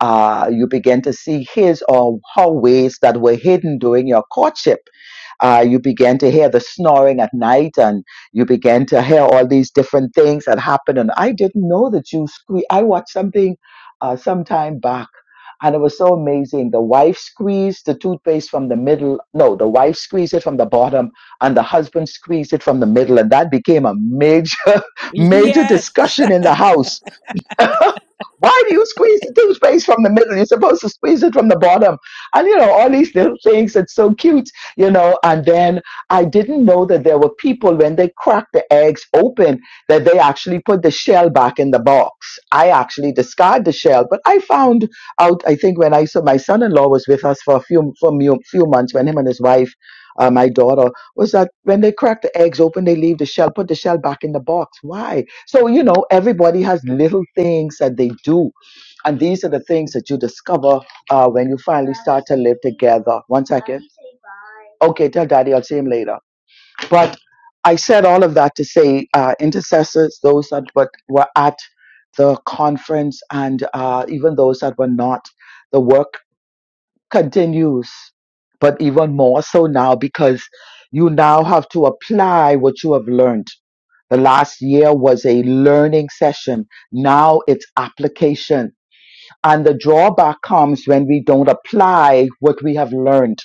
Speaker 9: Uh, you begin to see his or her ways that were hidden during your courtship. Uh, you begin to hear the snoring at night and you begin to hear all these different things that happen. And I didn't know that you squeak. I watched something uh, some time back and it was so amazing. The wife squeezed the toothpaste from the middle. No, the wife squeezed it from the bottom and the husband squeezed it from the middle. And that became a major, major discussion in the house Why do you squeeze the toothpaste from the middle? You're supposed to squeeze it from the bottom. And, you know, all these little things. It's so cute, you know. And then I didn't know that there were people, when they cracked the eggs open, that they actually put the shell back in the box. I actually discard the shell. But I found out, I think, when I saw my son in law was with us for a few, for mu- few months, when him and his wife, uh, my daughter, was that when they crack the eggs open, they leave the shell, put the shell back in the box. Why? So, you know, everybody has little things that they do. And these are the things that you discover uh, when you finally start to live together. One second. Okay, tell daddy, I'll see him later. But I said all of that to say uh, intercessors, those that were, were at the conference, and uh, even those that were not, the work continues, but even more so now because you now have to apply what you have learned the last year was a learning session. Now it's application. And the drawback comes when we don't apply what we have learned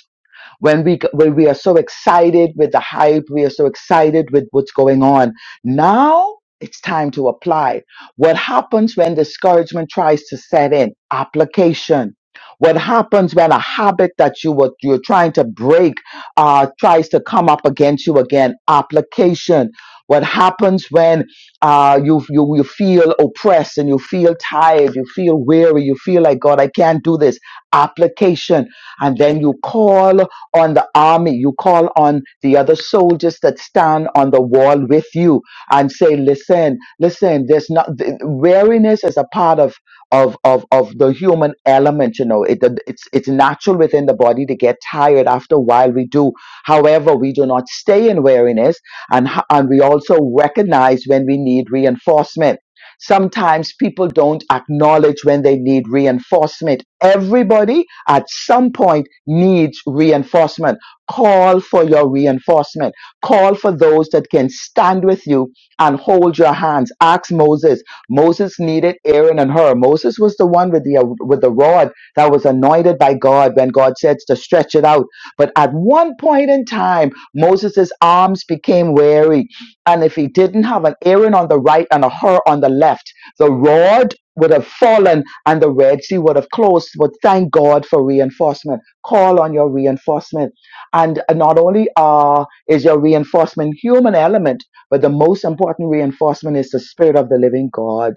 Speaker 9: when we when we are so excited with the hype we are so excited with what's going on now it's time to apply what happens when discouragement tries to set in application what happens when a habit that you were you're trying to break uh, tries to come up against you again application what happens when uh, you, you you feel oppressed and you feel tired you feel weary you feel like god i can't do this application and then you call on the army. You call on the other soldiers that stand on the wall with you and say, listen, listen, there's not, th- weariness is a part of, of, of, of the human element. You know, it, it's, it's natural within the body to get tired after a while. We do. However, we do not stay in weariness and, ho- and we also recognize when we need reinforcement Sometimes people don't acknowledge when they need reinforcement. Everybody at some point needs reinforcement. Call for your reinforcement. Call for those that can stand with you and hold your hands. Ask Moses. Moses needed Aaron and her. Moses was the one with the with the rod that was anointed by God when God said to stretch it out. But at one point in time, Moses' arms became weary and if he didn't have an Aaron on the right and a Hur on the left, the rod would have fallen and the Red Sea would have closed. But thank God for reinforcement. Call on your reinforcement. And uh, not only uh, is your reinforcement human element, but the most important reinforcement is the Spirit of the living God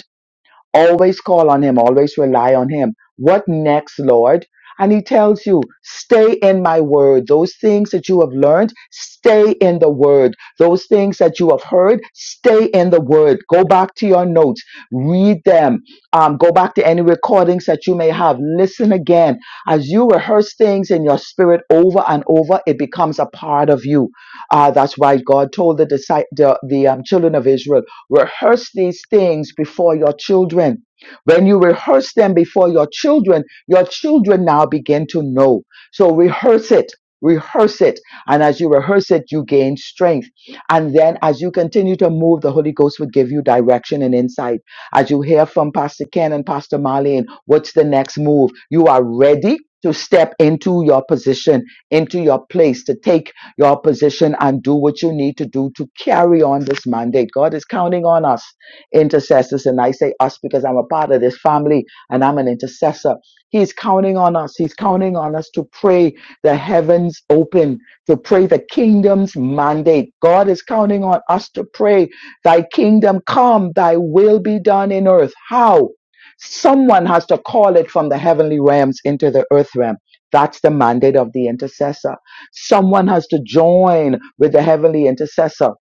Speaker 9: Always call on him, always rely on him. What next, Lord? And he tells you, stay in my word. Those things that you have learned, stay in the word. Those things that you have heard, stay in the word. Go back to your notes, read them. Um, go back to any recordings that you may have. Listen again. As you rehearse things in your spirit over and over, it becomes a part of you. Uh, that's why God told the, disci- the, the um, children of Israel Rehearse these things before your children. When you rehearse them before your children, your children now begin to know. So rehearse it. Rehearse it. And as you rehearse it, you gain strength. And then as you continue to move, the Holy Ghost will give you direction and insight. As you hear from Pastor Ken and Pastor Marlene, what's the next move? You are ready to step into your position, into your place, to take your position and do what you need to do to carry on this mandate. God is counting on us, intercessors. And I say us because I'm a part of this family and I'm an intercessor. He's counting on us. He's counting on us to pray the heavens open, to pray the kingdom's mandate. God is counting on us to pray, Thy kingdom come, Thy will be done in earth. How? Someone has to call it from the heavenly realms into the earth realm. That's the mandate of the intercessor. Someone has to join with the heavenly intercessor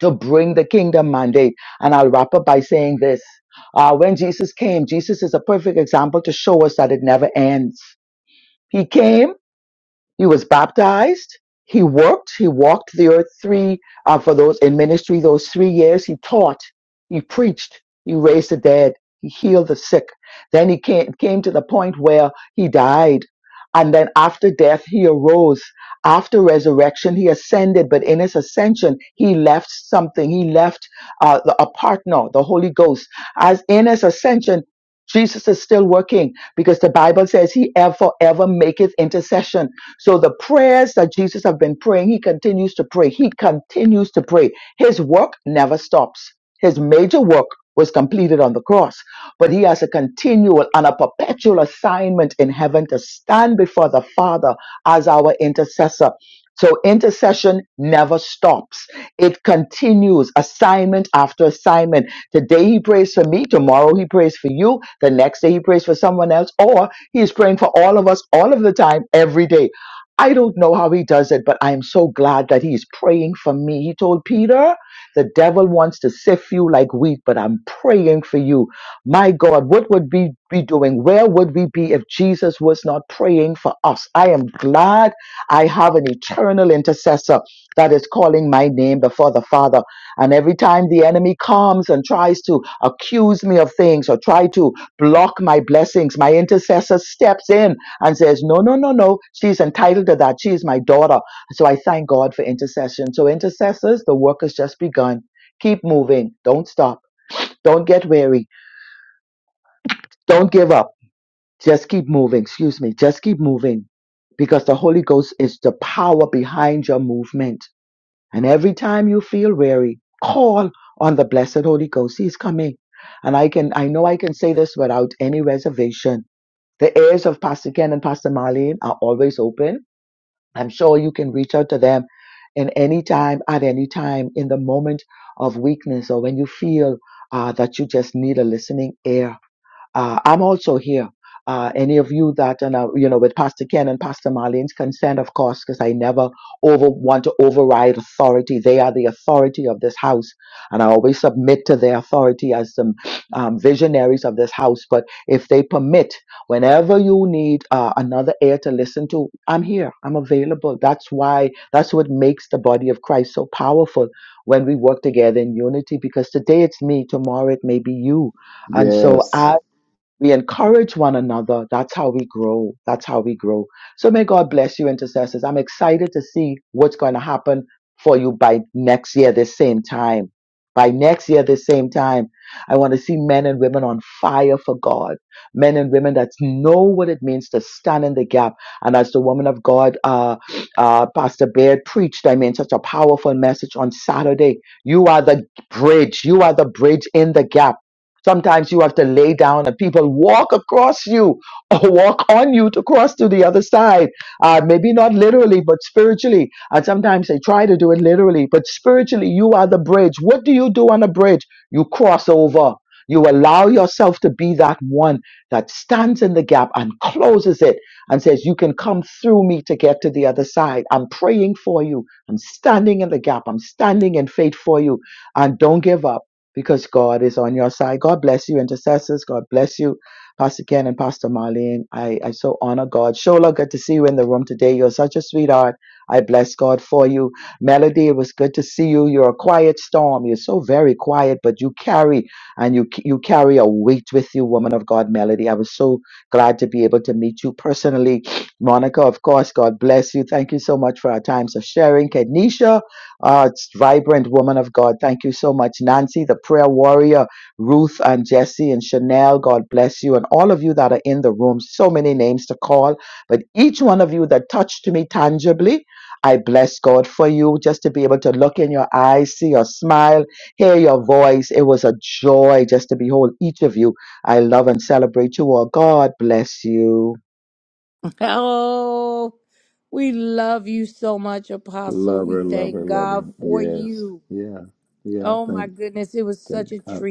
Speaker 9: to bring the kingdom mandate. And I'll wrap up by saying this. Uh, when Jesus came, Jesus is a perfect example to show us that it never ends. He came he was baptized. He worked. He walked the earth three uh, for those in ministry. Those three years, he taught. He preached. He raised the dead. He healed the sick. Then he came came to the point where he died, and then after death, he arose. After resurrection, he ascended. But in his ascension, he left something. He left uh, the, a partner, the Holy Ghost. As in his ascension. Jesus is still working because the Bible says he ever, ever maketh intercession so the prayers that Jesus have been praying, he continues to pray. He continues to pray. His work never stops. His major work was completed on the cross, but he has a continual and a perpetual assignment in heaven to stand before the Father as our intercessor. So intercession never stops. It continues assignment after assignment. Today he prays for me. Tomorrow he prays for you. The next day he prays for someone else or he is praying for all of us all of the time, every day. I don't know how he does it, but I am so glad that he is praying for me. He told Peter, the devil wants to sift you like wheat, but I'm praying for you. My God, what would we be doing? Where would we be if Jesus was not praying for us? I am glad I have an eternal intercessor that is calling my name before the Father. And every time the enemy comes and tries to accuse me of things or try to block my blessings, my intercessor steps in and says, No, no, no, no, she's entitled to that. She is my daughter. So I thank God for intercession. So, intercessors, the work has just begun. Keep moving. Don't stop. Don't get weary. Don't give up. Just keep moving. Excuse me. Just keep moving because the Holy Ghost is the power behind your movement. And every time you feel weary, call on the blessed Holy Ghost. He's coming. And I can, I know I can say this without any reservation. The ears of Pastor Ken and Pastor Marlene are always open I'm sure you can reach out to them in any time, at any time, in the moment of weakness or when you feel uh, that you just need a listening ear uh, I'm also here. Uh, any of you that, and, uh, you know, with Pastor Ken and Pastor Marlene's consent, of course, because I never over want to override authority. They are the authority of this house, and I always submit to their authority as some um, visionaries of this house. But if they permit, whenever you need uh, another ear to listen to, I'm here. I'm available. That's why. That's what makes the body of Christ so powerful when we work together in unity. Because today it's me, tomorrow it may be you. And so,
Speaker 2: Yes.
Speaker 9: we encourage one another. That's how we grow. That's how we grow. So may God bless you, intercessors. I'm excited to see what's going to happen for you by next year, this same time. By next year, this same time, I want to see men and women on fire for God. Men and women that know what it means to stand in the gap. And as the woman of God, uh, uh, Pastor Baird preached, I mean, such a powerful message on Saturday. You are the bridge. You are the bridge in the gap Sometimes you have to lay down and people walk across you or walk on you to cross to the other side. Uh, maybe not literally, but spiritually. And sometimes they try to do it literally, but spiritually, you are the bridge. What do you do on a bridge? You cross over. You allow yourself to be that one that stands in the gap and closes it and says, You can come through me to get to the other side. I'm praying for you. I'm standing in the gap. I'm standing in faith for you. And don't give up because God is on your side. God bless you, intercessors. God bless you, Pastor Ken and Pastor Marlene. I, I so honor God. Shola, good to see you in the room today. You're such a sweetheart. I bless God for you. Melody, it was good to see you. You're a quiet storm. You're so very quiet, but you carry and you you carry a weight with you, woman of God, Melody. I was so glad to be able to meet you personally. Monica, of course, God bless you. Thank you so much for our times of sharing. Kenisha, Ah, it's vibrant woman of God. Thank you so much, Nancy, the prayer warrior, Ruth and Jesse and Chanel. God bless you and all of you that are in the room. So many names to call, but each one of you that touched me tangibly, I bless God for you just to be able to look in your eyes, see your smile, hear your voice. It was a joy just to behold each of you. I love and celebrate you all. God bless you.
Speaker 2: Lover, lover, lover. Yes. Yeah. Yeah. Thank thank God.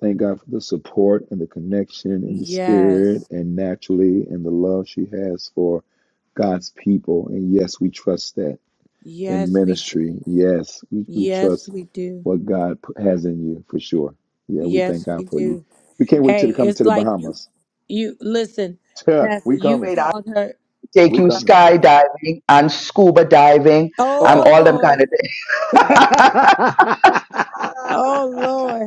Speaker 2: Thank God for the support and the connection and the spirit and naturally and the love she has for God's people. And yes, we trust that in ministry. Yes, we, we trust what God p- has in you for sure. Yeah, we thank God for you. We can't wait till to come to the Bahamas. Yeah, we coming.
Speaker 9: Wait, I'll take
Speaker 2: We
Speaker 9: you
Speaker 2: coming.
Speaker 9: skydiving and scuba diving. I'm
Speaker 2: Uh
Speaker 9: all them kind of things.
Speaker 2: oh.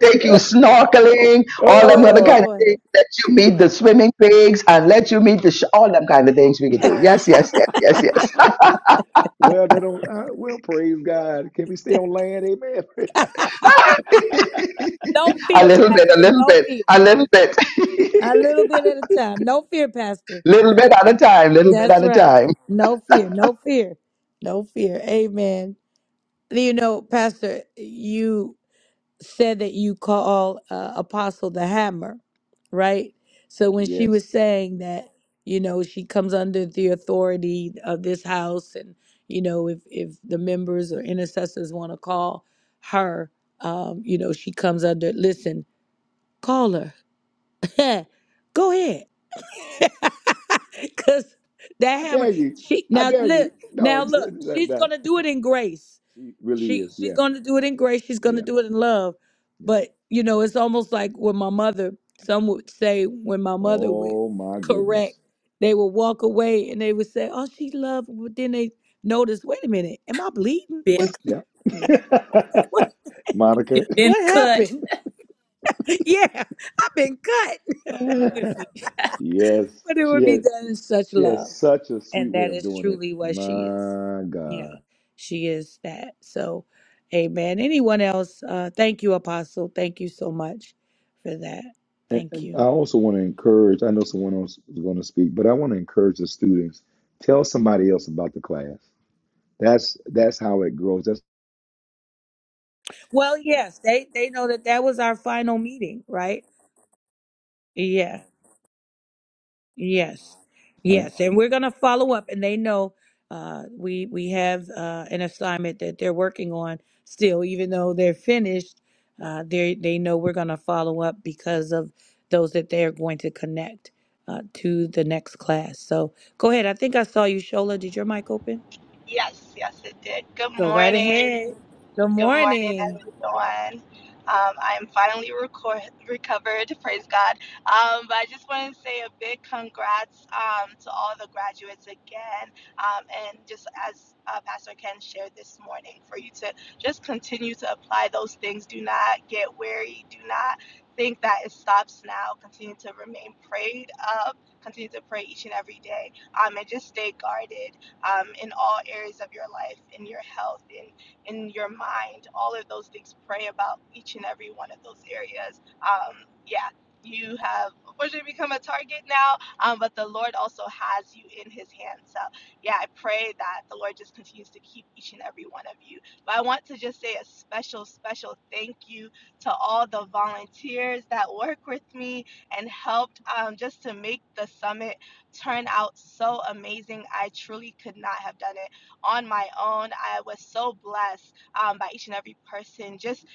Speaker 9: take you snorkeling, all
Speaker 2: Oh
Speaker 9: them other kind
Speaker 2: Lord.
Speaker 9: of things. Let you meet the swimming pigs and let you meet the sh- all them kind of things we could do. Yes, yes, yes, yes, yes.
Speaker 2: well, they don't. Uh, well, praise God. Can we stay on land? Amen.
Speaker 9: a little bit, a little bit, a little bit, little bit at a time, little bit at a time,
Speaker 2: Yes, I dare you. I dare you. No, no, no. she really is. Yeah, yeah, yeah. Oh my goodness,
Speaker 3: been
Speaker 2: Yeah.
Speaker 3: you've
Speaker 2: Monica.
Speaker 3: been cut with
Speaker 2: Yes, she had she has such a sweet way of doing it. My God. And, and I also want to encourage, I know someone else is going to speak, but I want to encourage the students, tell somebody else about the class. That's that's how it grows. That's uh,
Speaker 15: Yes, yes, it did. Good morning. Good morning, everyone. Um, I'm finally record- recovered, praise God. Um, but I just want to say a big congrats um, to all the graduates again. Um, and just as uh, Pastor Ken shared this morning, for you to just continue to apply those things. Do not get weary. Do not think that it stops now. Continue to remain prayed up. Continue to pray each and every day. Um, and just stay guarded um, in all areas of your life, in your health, in in your mind, all of those things. Pray about each and every one of those areas. Um, yeah, you have unfortunately become a target now, um, but the Lord also has you in His hand. So yeah, I pray that the Lord just continues to keep each and every one of you. But I want to just say a special, special thank you to all the volunteers that work with me and helped um, just to make the summit turn out so amazing. I truly could not have done it on my own. I was so blessed um, by each and every person just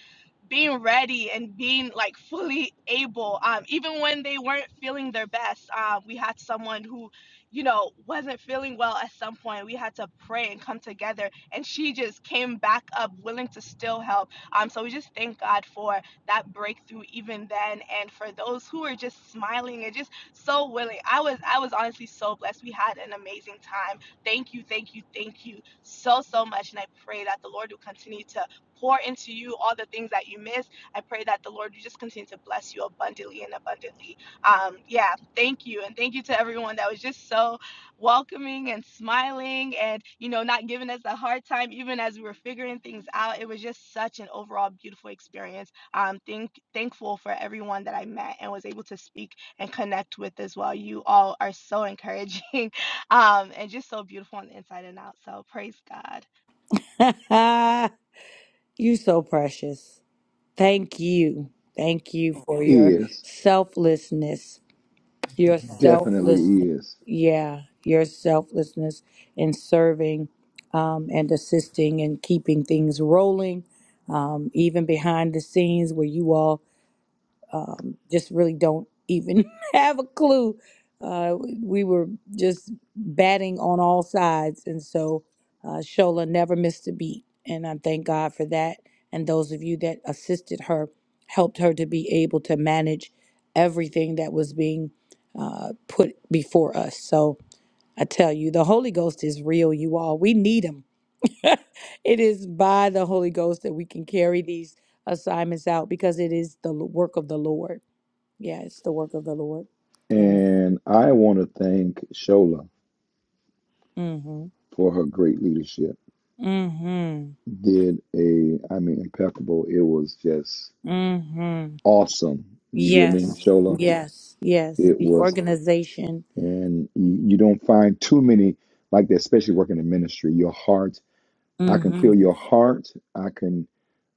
Speaker 15: being ready and being like fully able um, even when they weren't feeling their best um, we had someone who you know wasn't feeling well at some point we had to pray and come together and she just came back up willing to still help um, so we just thank god for that breakthrough even then and for those who were just smiling and just so willing i was i was honestly so blessed we had an amazing time thank you thank you thank you so so much and i pray that the lord will continue to pour into you all the things that you missed. I pray that the Lord you just continue to bless you abundantly and abundantly. Um, yeah, thank you. And thank you to everyone that was just so welcoming and smiling and, you know, not giving us a hard time, even as we were figuring things out. It was just such an overall beautiful experience. Um, thank, thankful for everyone that I met and was able to speak and connect with as well. You all are so encouraging um, and just so beautiful on the inside and out. So praise God.
Speaker 2: is definitely is. And I want to thank Shola for her great leadership. Did a I mean impeccable. It was just awesome. You hear me, Shola? It was and you, you don't find too many like that, especially working in ministry. Your heart, I can feel your heart. I can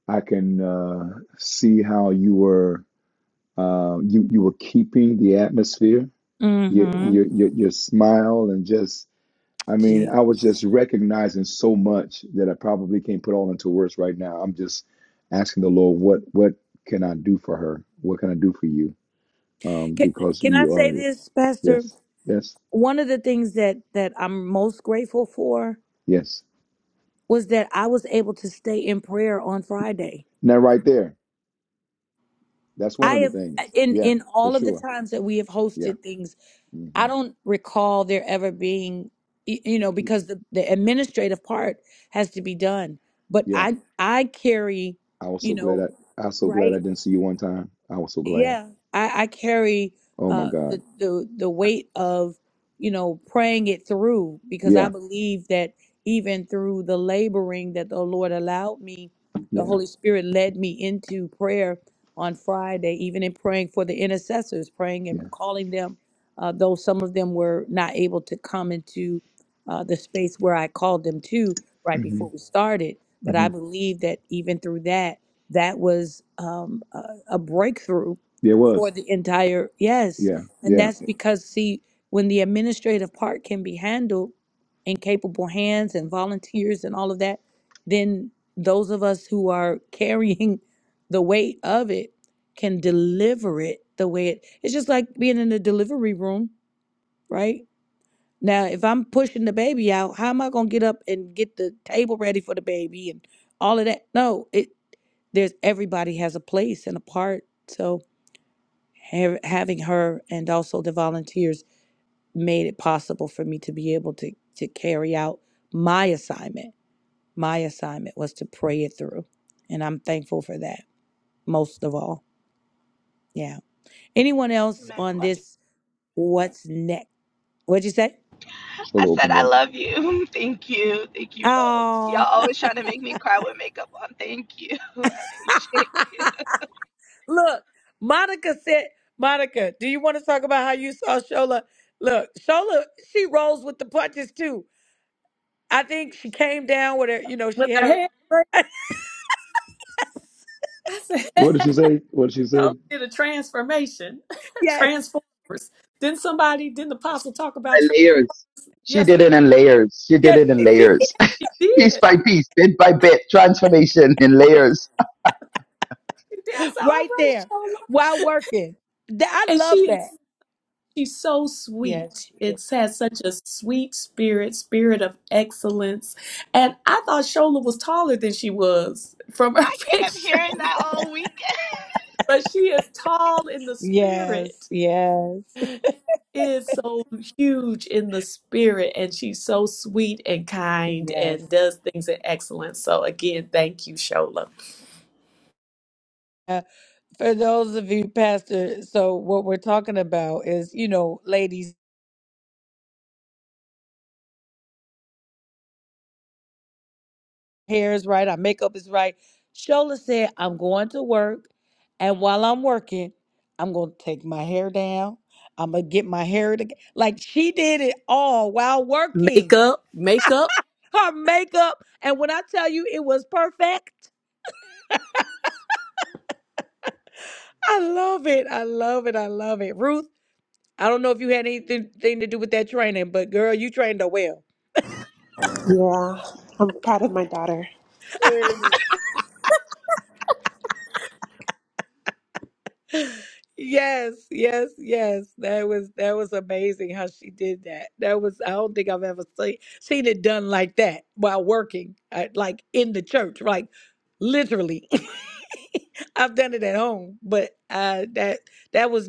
Speaker 2: I can uh, see how you were uh, you you were keeping the atmosphere, your your your, your smile, and just I mean, I was just recognizing so much that I probably can't put all into words right now. I'm just asking the Lord, what what can I do for her? What can I do for you? Um, because you are yes, yes, yes. Now right there, that's one of the things. Yeah, for sure. Yeah, hmm yeah. I was so glad I, I was so glad I didn't see you one time. I was so glad. Oh my God. Yeah, yeah, yeah. hmm hmm Yeah, it was. Yeah, yeah.
Speaker 15: Amen. I
Speaker 2: Shola
Speaker 15: said,
Speaker 2: opened
Speaker 15: I
Speaker 2: up.
Speaker 15: love you. Thank you. Thank you both. Y'all always trying to make me cry with makeup on. Thank you. I appreciate it.
Speaker 3: with her hair. braid. I said,
Speaker 2: What did she say? What did she say?
Speaker 3: totally did a transformation, transformers. Didn't somebody, didn't the apostle talk about
Speaker 9: and
Speaker 3: trans?
Speaker 9: layers. She did
Speaker 3: Yesterday,
Speaker 9: it in layers. She did it in layers,
Speaker 3: she
Speaker 9: piece
Speaker 3: did.
Speaker 9: by piece, bit by bit, transformation in layers.
Speaker 3: She did. I said, all right, Shola. And she is she's so sweet. It has such a sweet spirit, spirit of excellence. And I thought Shola was taller than she was from her
Speaker 15: I kept
Speaker 3: picture.
Speaker 15: hearing that all week.
Speaker 3: but she is tall in the spirit is so huge in the spirit and she's so sweet and kind and does things in excellence so again thank you shola makeup makeup
Speaker 11: Yeah, I'm proud of my daughter.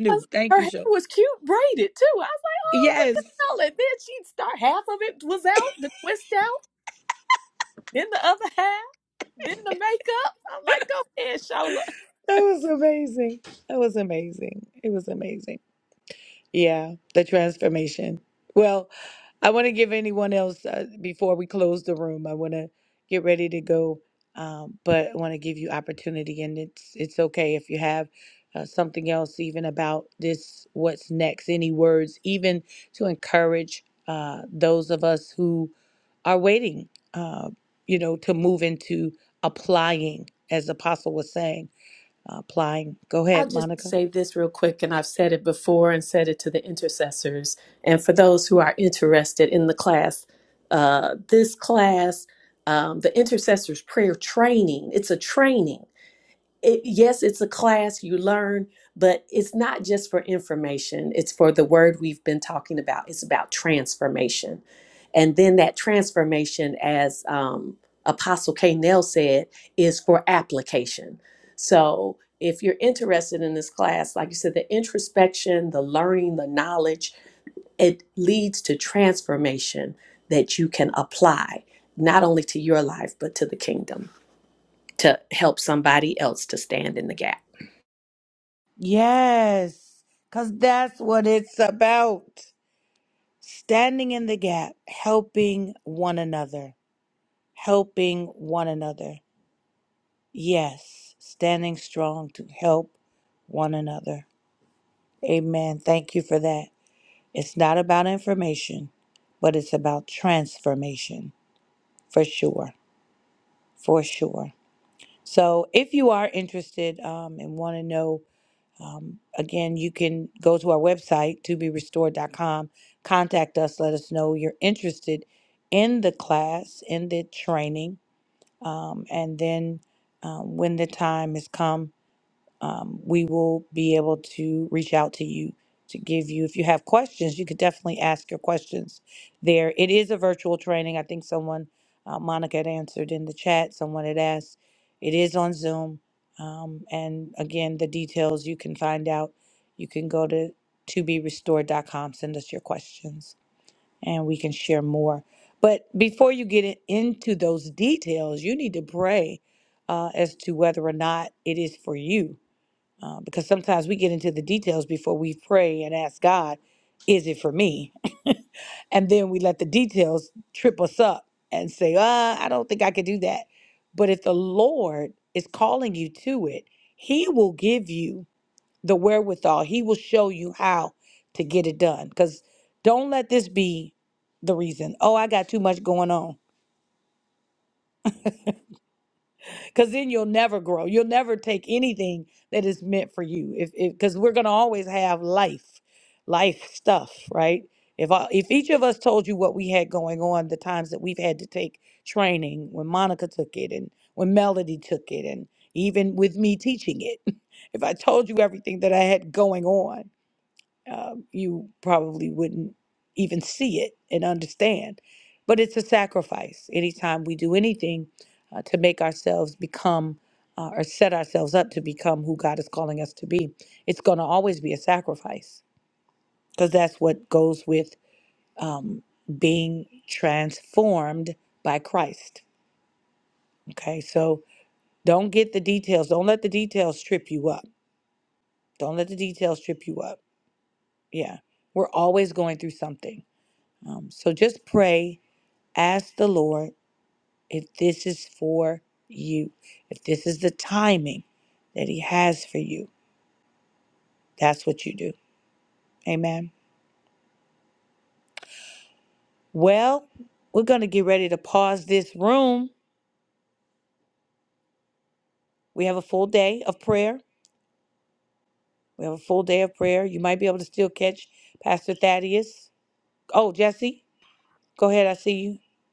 Speaker 3: 'cause her hair was cute braided too i was like oh look at all. and then she'd start half of it was out the twist out then the other half then the makeup i'm like go ahead shola I'll just say this real quick, and I've said it before and said it to the intercessors. And for those who are interested in the class, uh, this class, um, the intercessors prayer training, it's a training it, yes, it's a class you learn, but it's not just for information. It's for the word we've been talking about. It's about transformation. And then that transformation, as um, Apostle K. Nell said, is for application. So if you're interested in this class, like you said, the introspection, the learning, the knowledge, it leads to transformation that you can apply not only to your life, but to the kingdom to help somebody else to stand in the gap.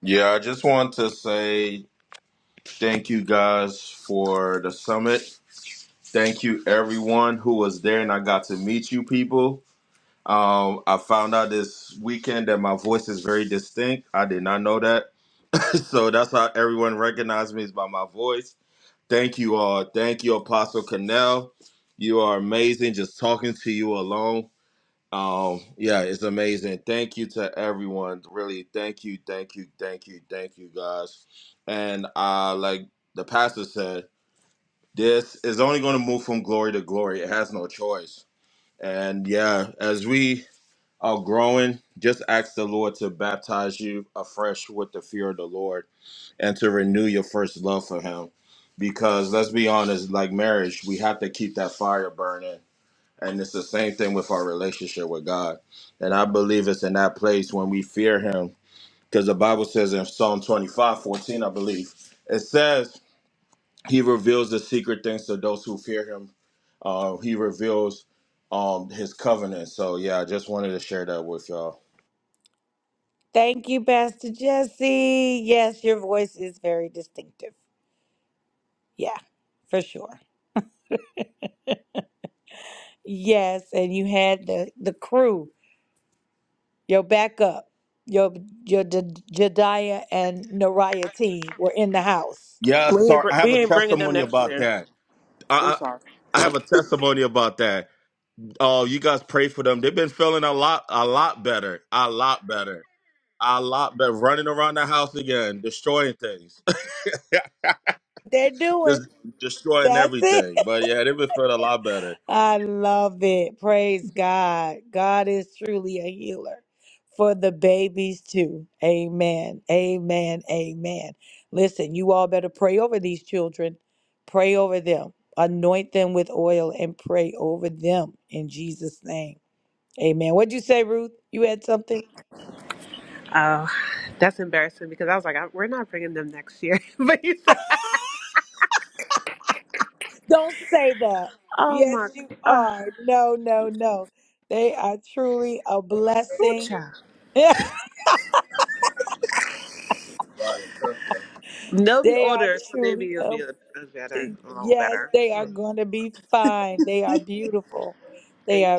Speaker 16: Yeah, I just want to say thank you guys for the summit. Thank you everyone who was there and I got to meet you people. Um, I found out this weekend that my voice is very distinct. I did not know that. so that's how everyone recognized me is by my voice. Thank you all. Thank you, Apostle Cannell. You are amazing. Just talking to you alone. Um, yeah, it's amazing. Thank you to everyone. Really, thank you, thank you, thank you, thank you, guys. And uh, like the pastor said, this is only going to move from glory to glory. It has no choice. And yeah, as we are growing, just ask the Lord to baptize you afresh with the fear of the Lord and to renew your first love for Him. Because let's be honest, like marriage, we have to keep that fire burning and it's the same thing with our relationship with God. And I believe it's in that place when we fear him. Because the Bible says in Psalm 25 14, I believe, it says, He reveals the secret things to those who fear him. Uh, he reveals um, his covenant. So, yeah, I just wanted to share that with y'all. Yeah,
Speaker 11: We ain't
Speaker 16: sorry.
Speaker 11: br-
Speaker 16: I have
Speaker 11: we
Speaker 16: a
Speaker 11: ain't bringing them
Speaker 16: testimony
Speaker 11: next
Speaker 16: about
Speaker 11: year.
Speaker 16: that.
Speaker 11: I'm
Speaker 16: I,
Speaker 11: sorry.
Speaker 16: I, I have a testimony about that. Oh, you guys pray for them. They've been feeling a lot, a lot better, a lot better. I lot better running around the house again, destroying things, just destroying everything. But yeah, it would feel a lot better.
Speaker 11: Oh, that's embarrassing because I was like, I- we're not bringing them next year. but you said, oh my, uh, ooh, child. They'll be older, so maybe it'll be a, a better, a little better. Hmm. Thank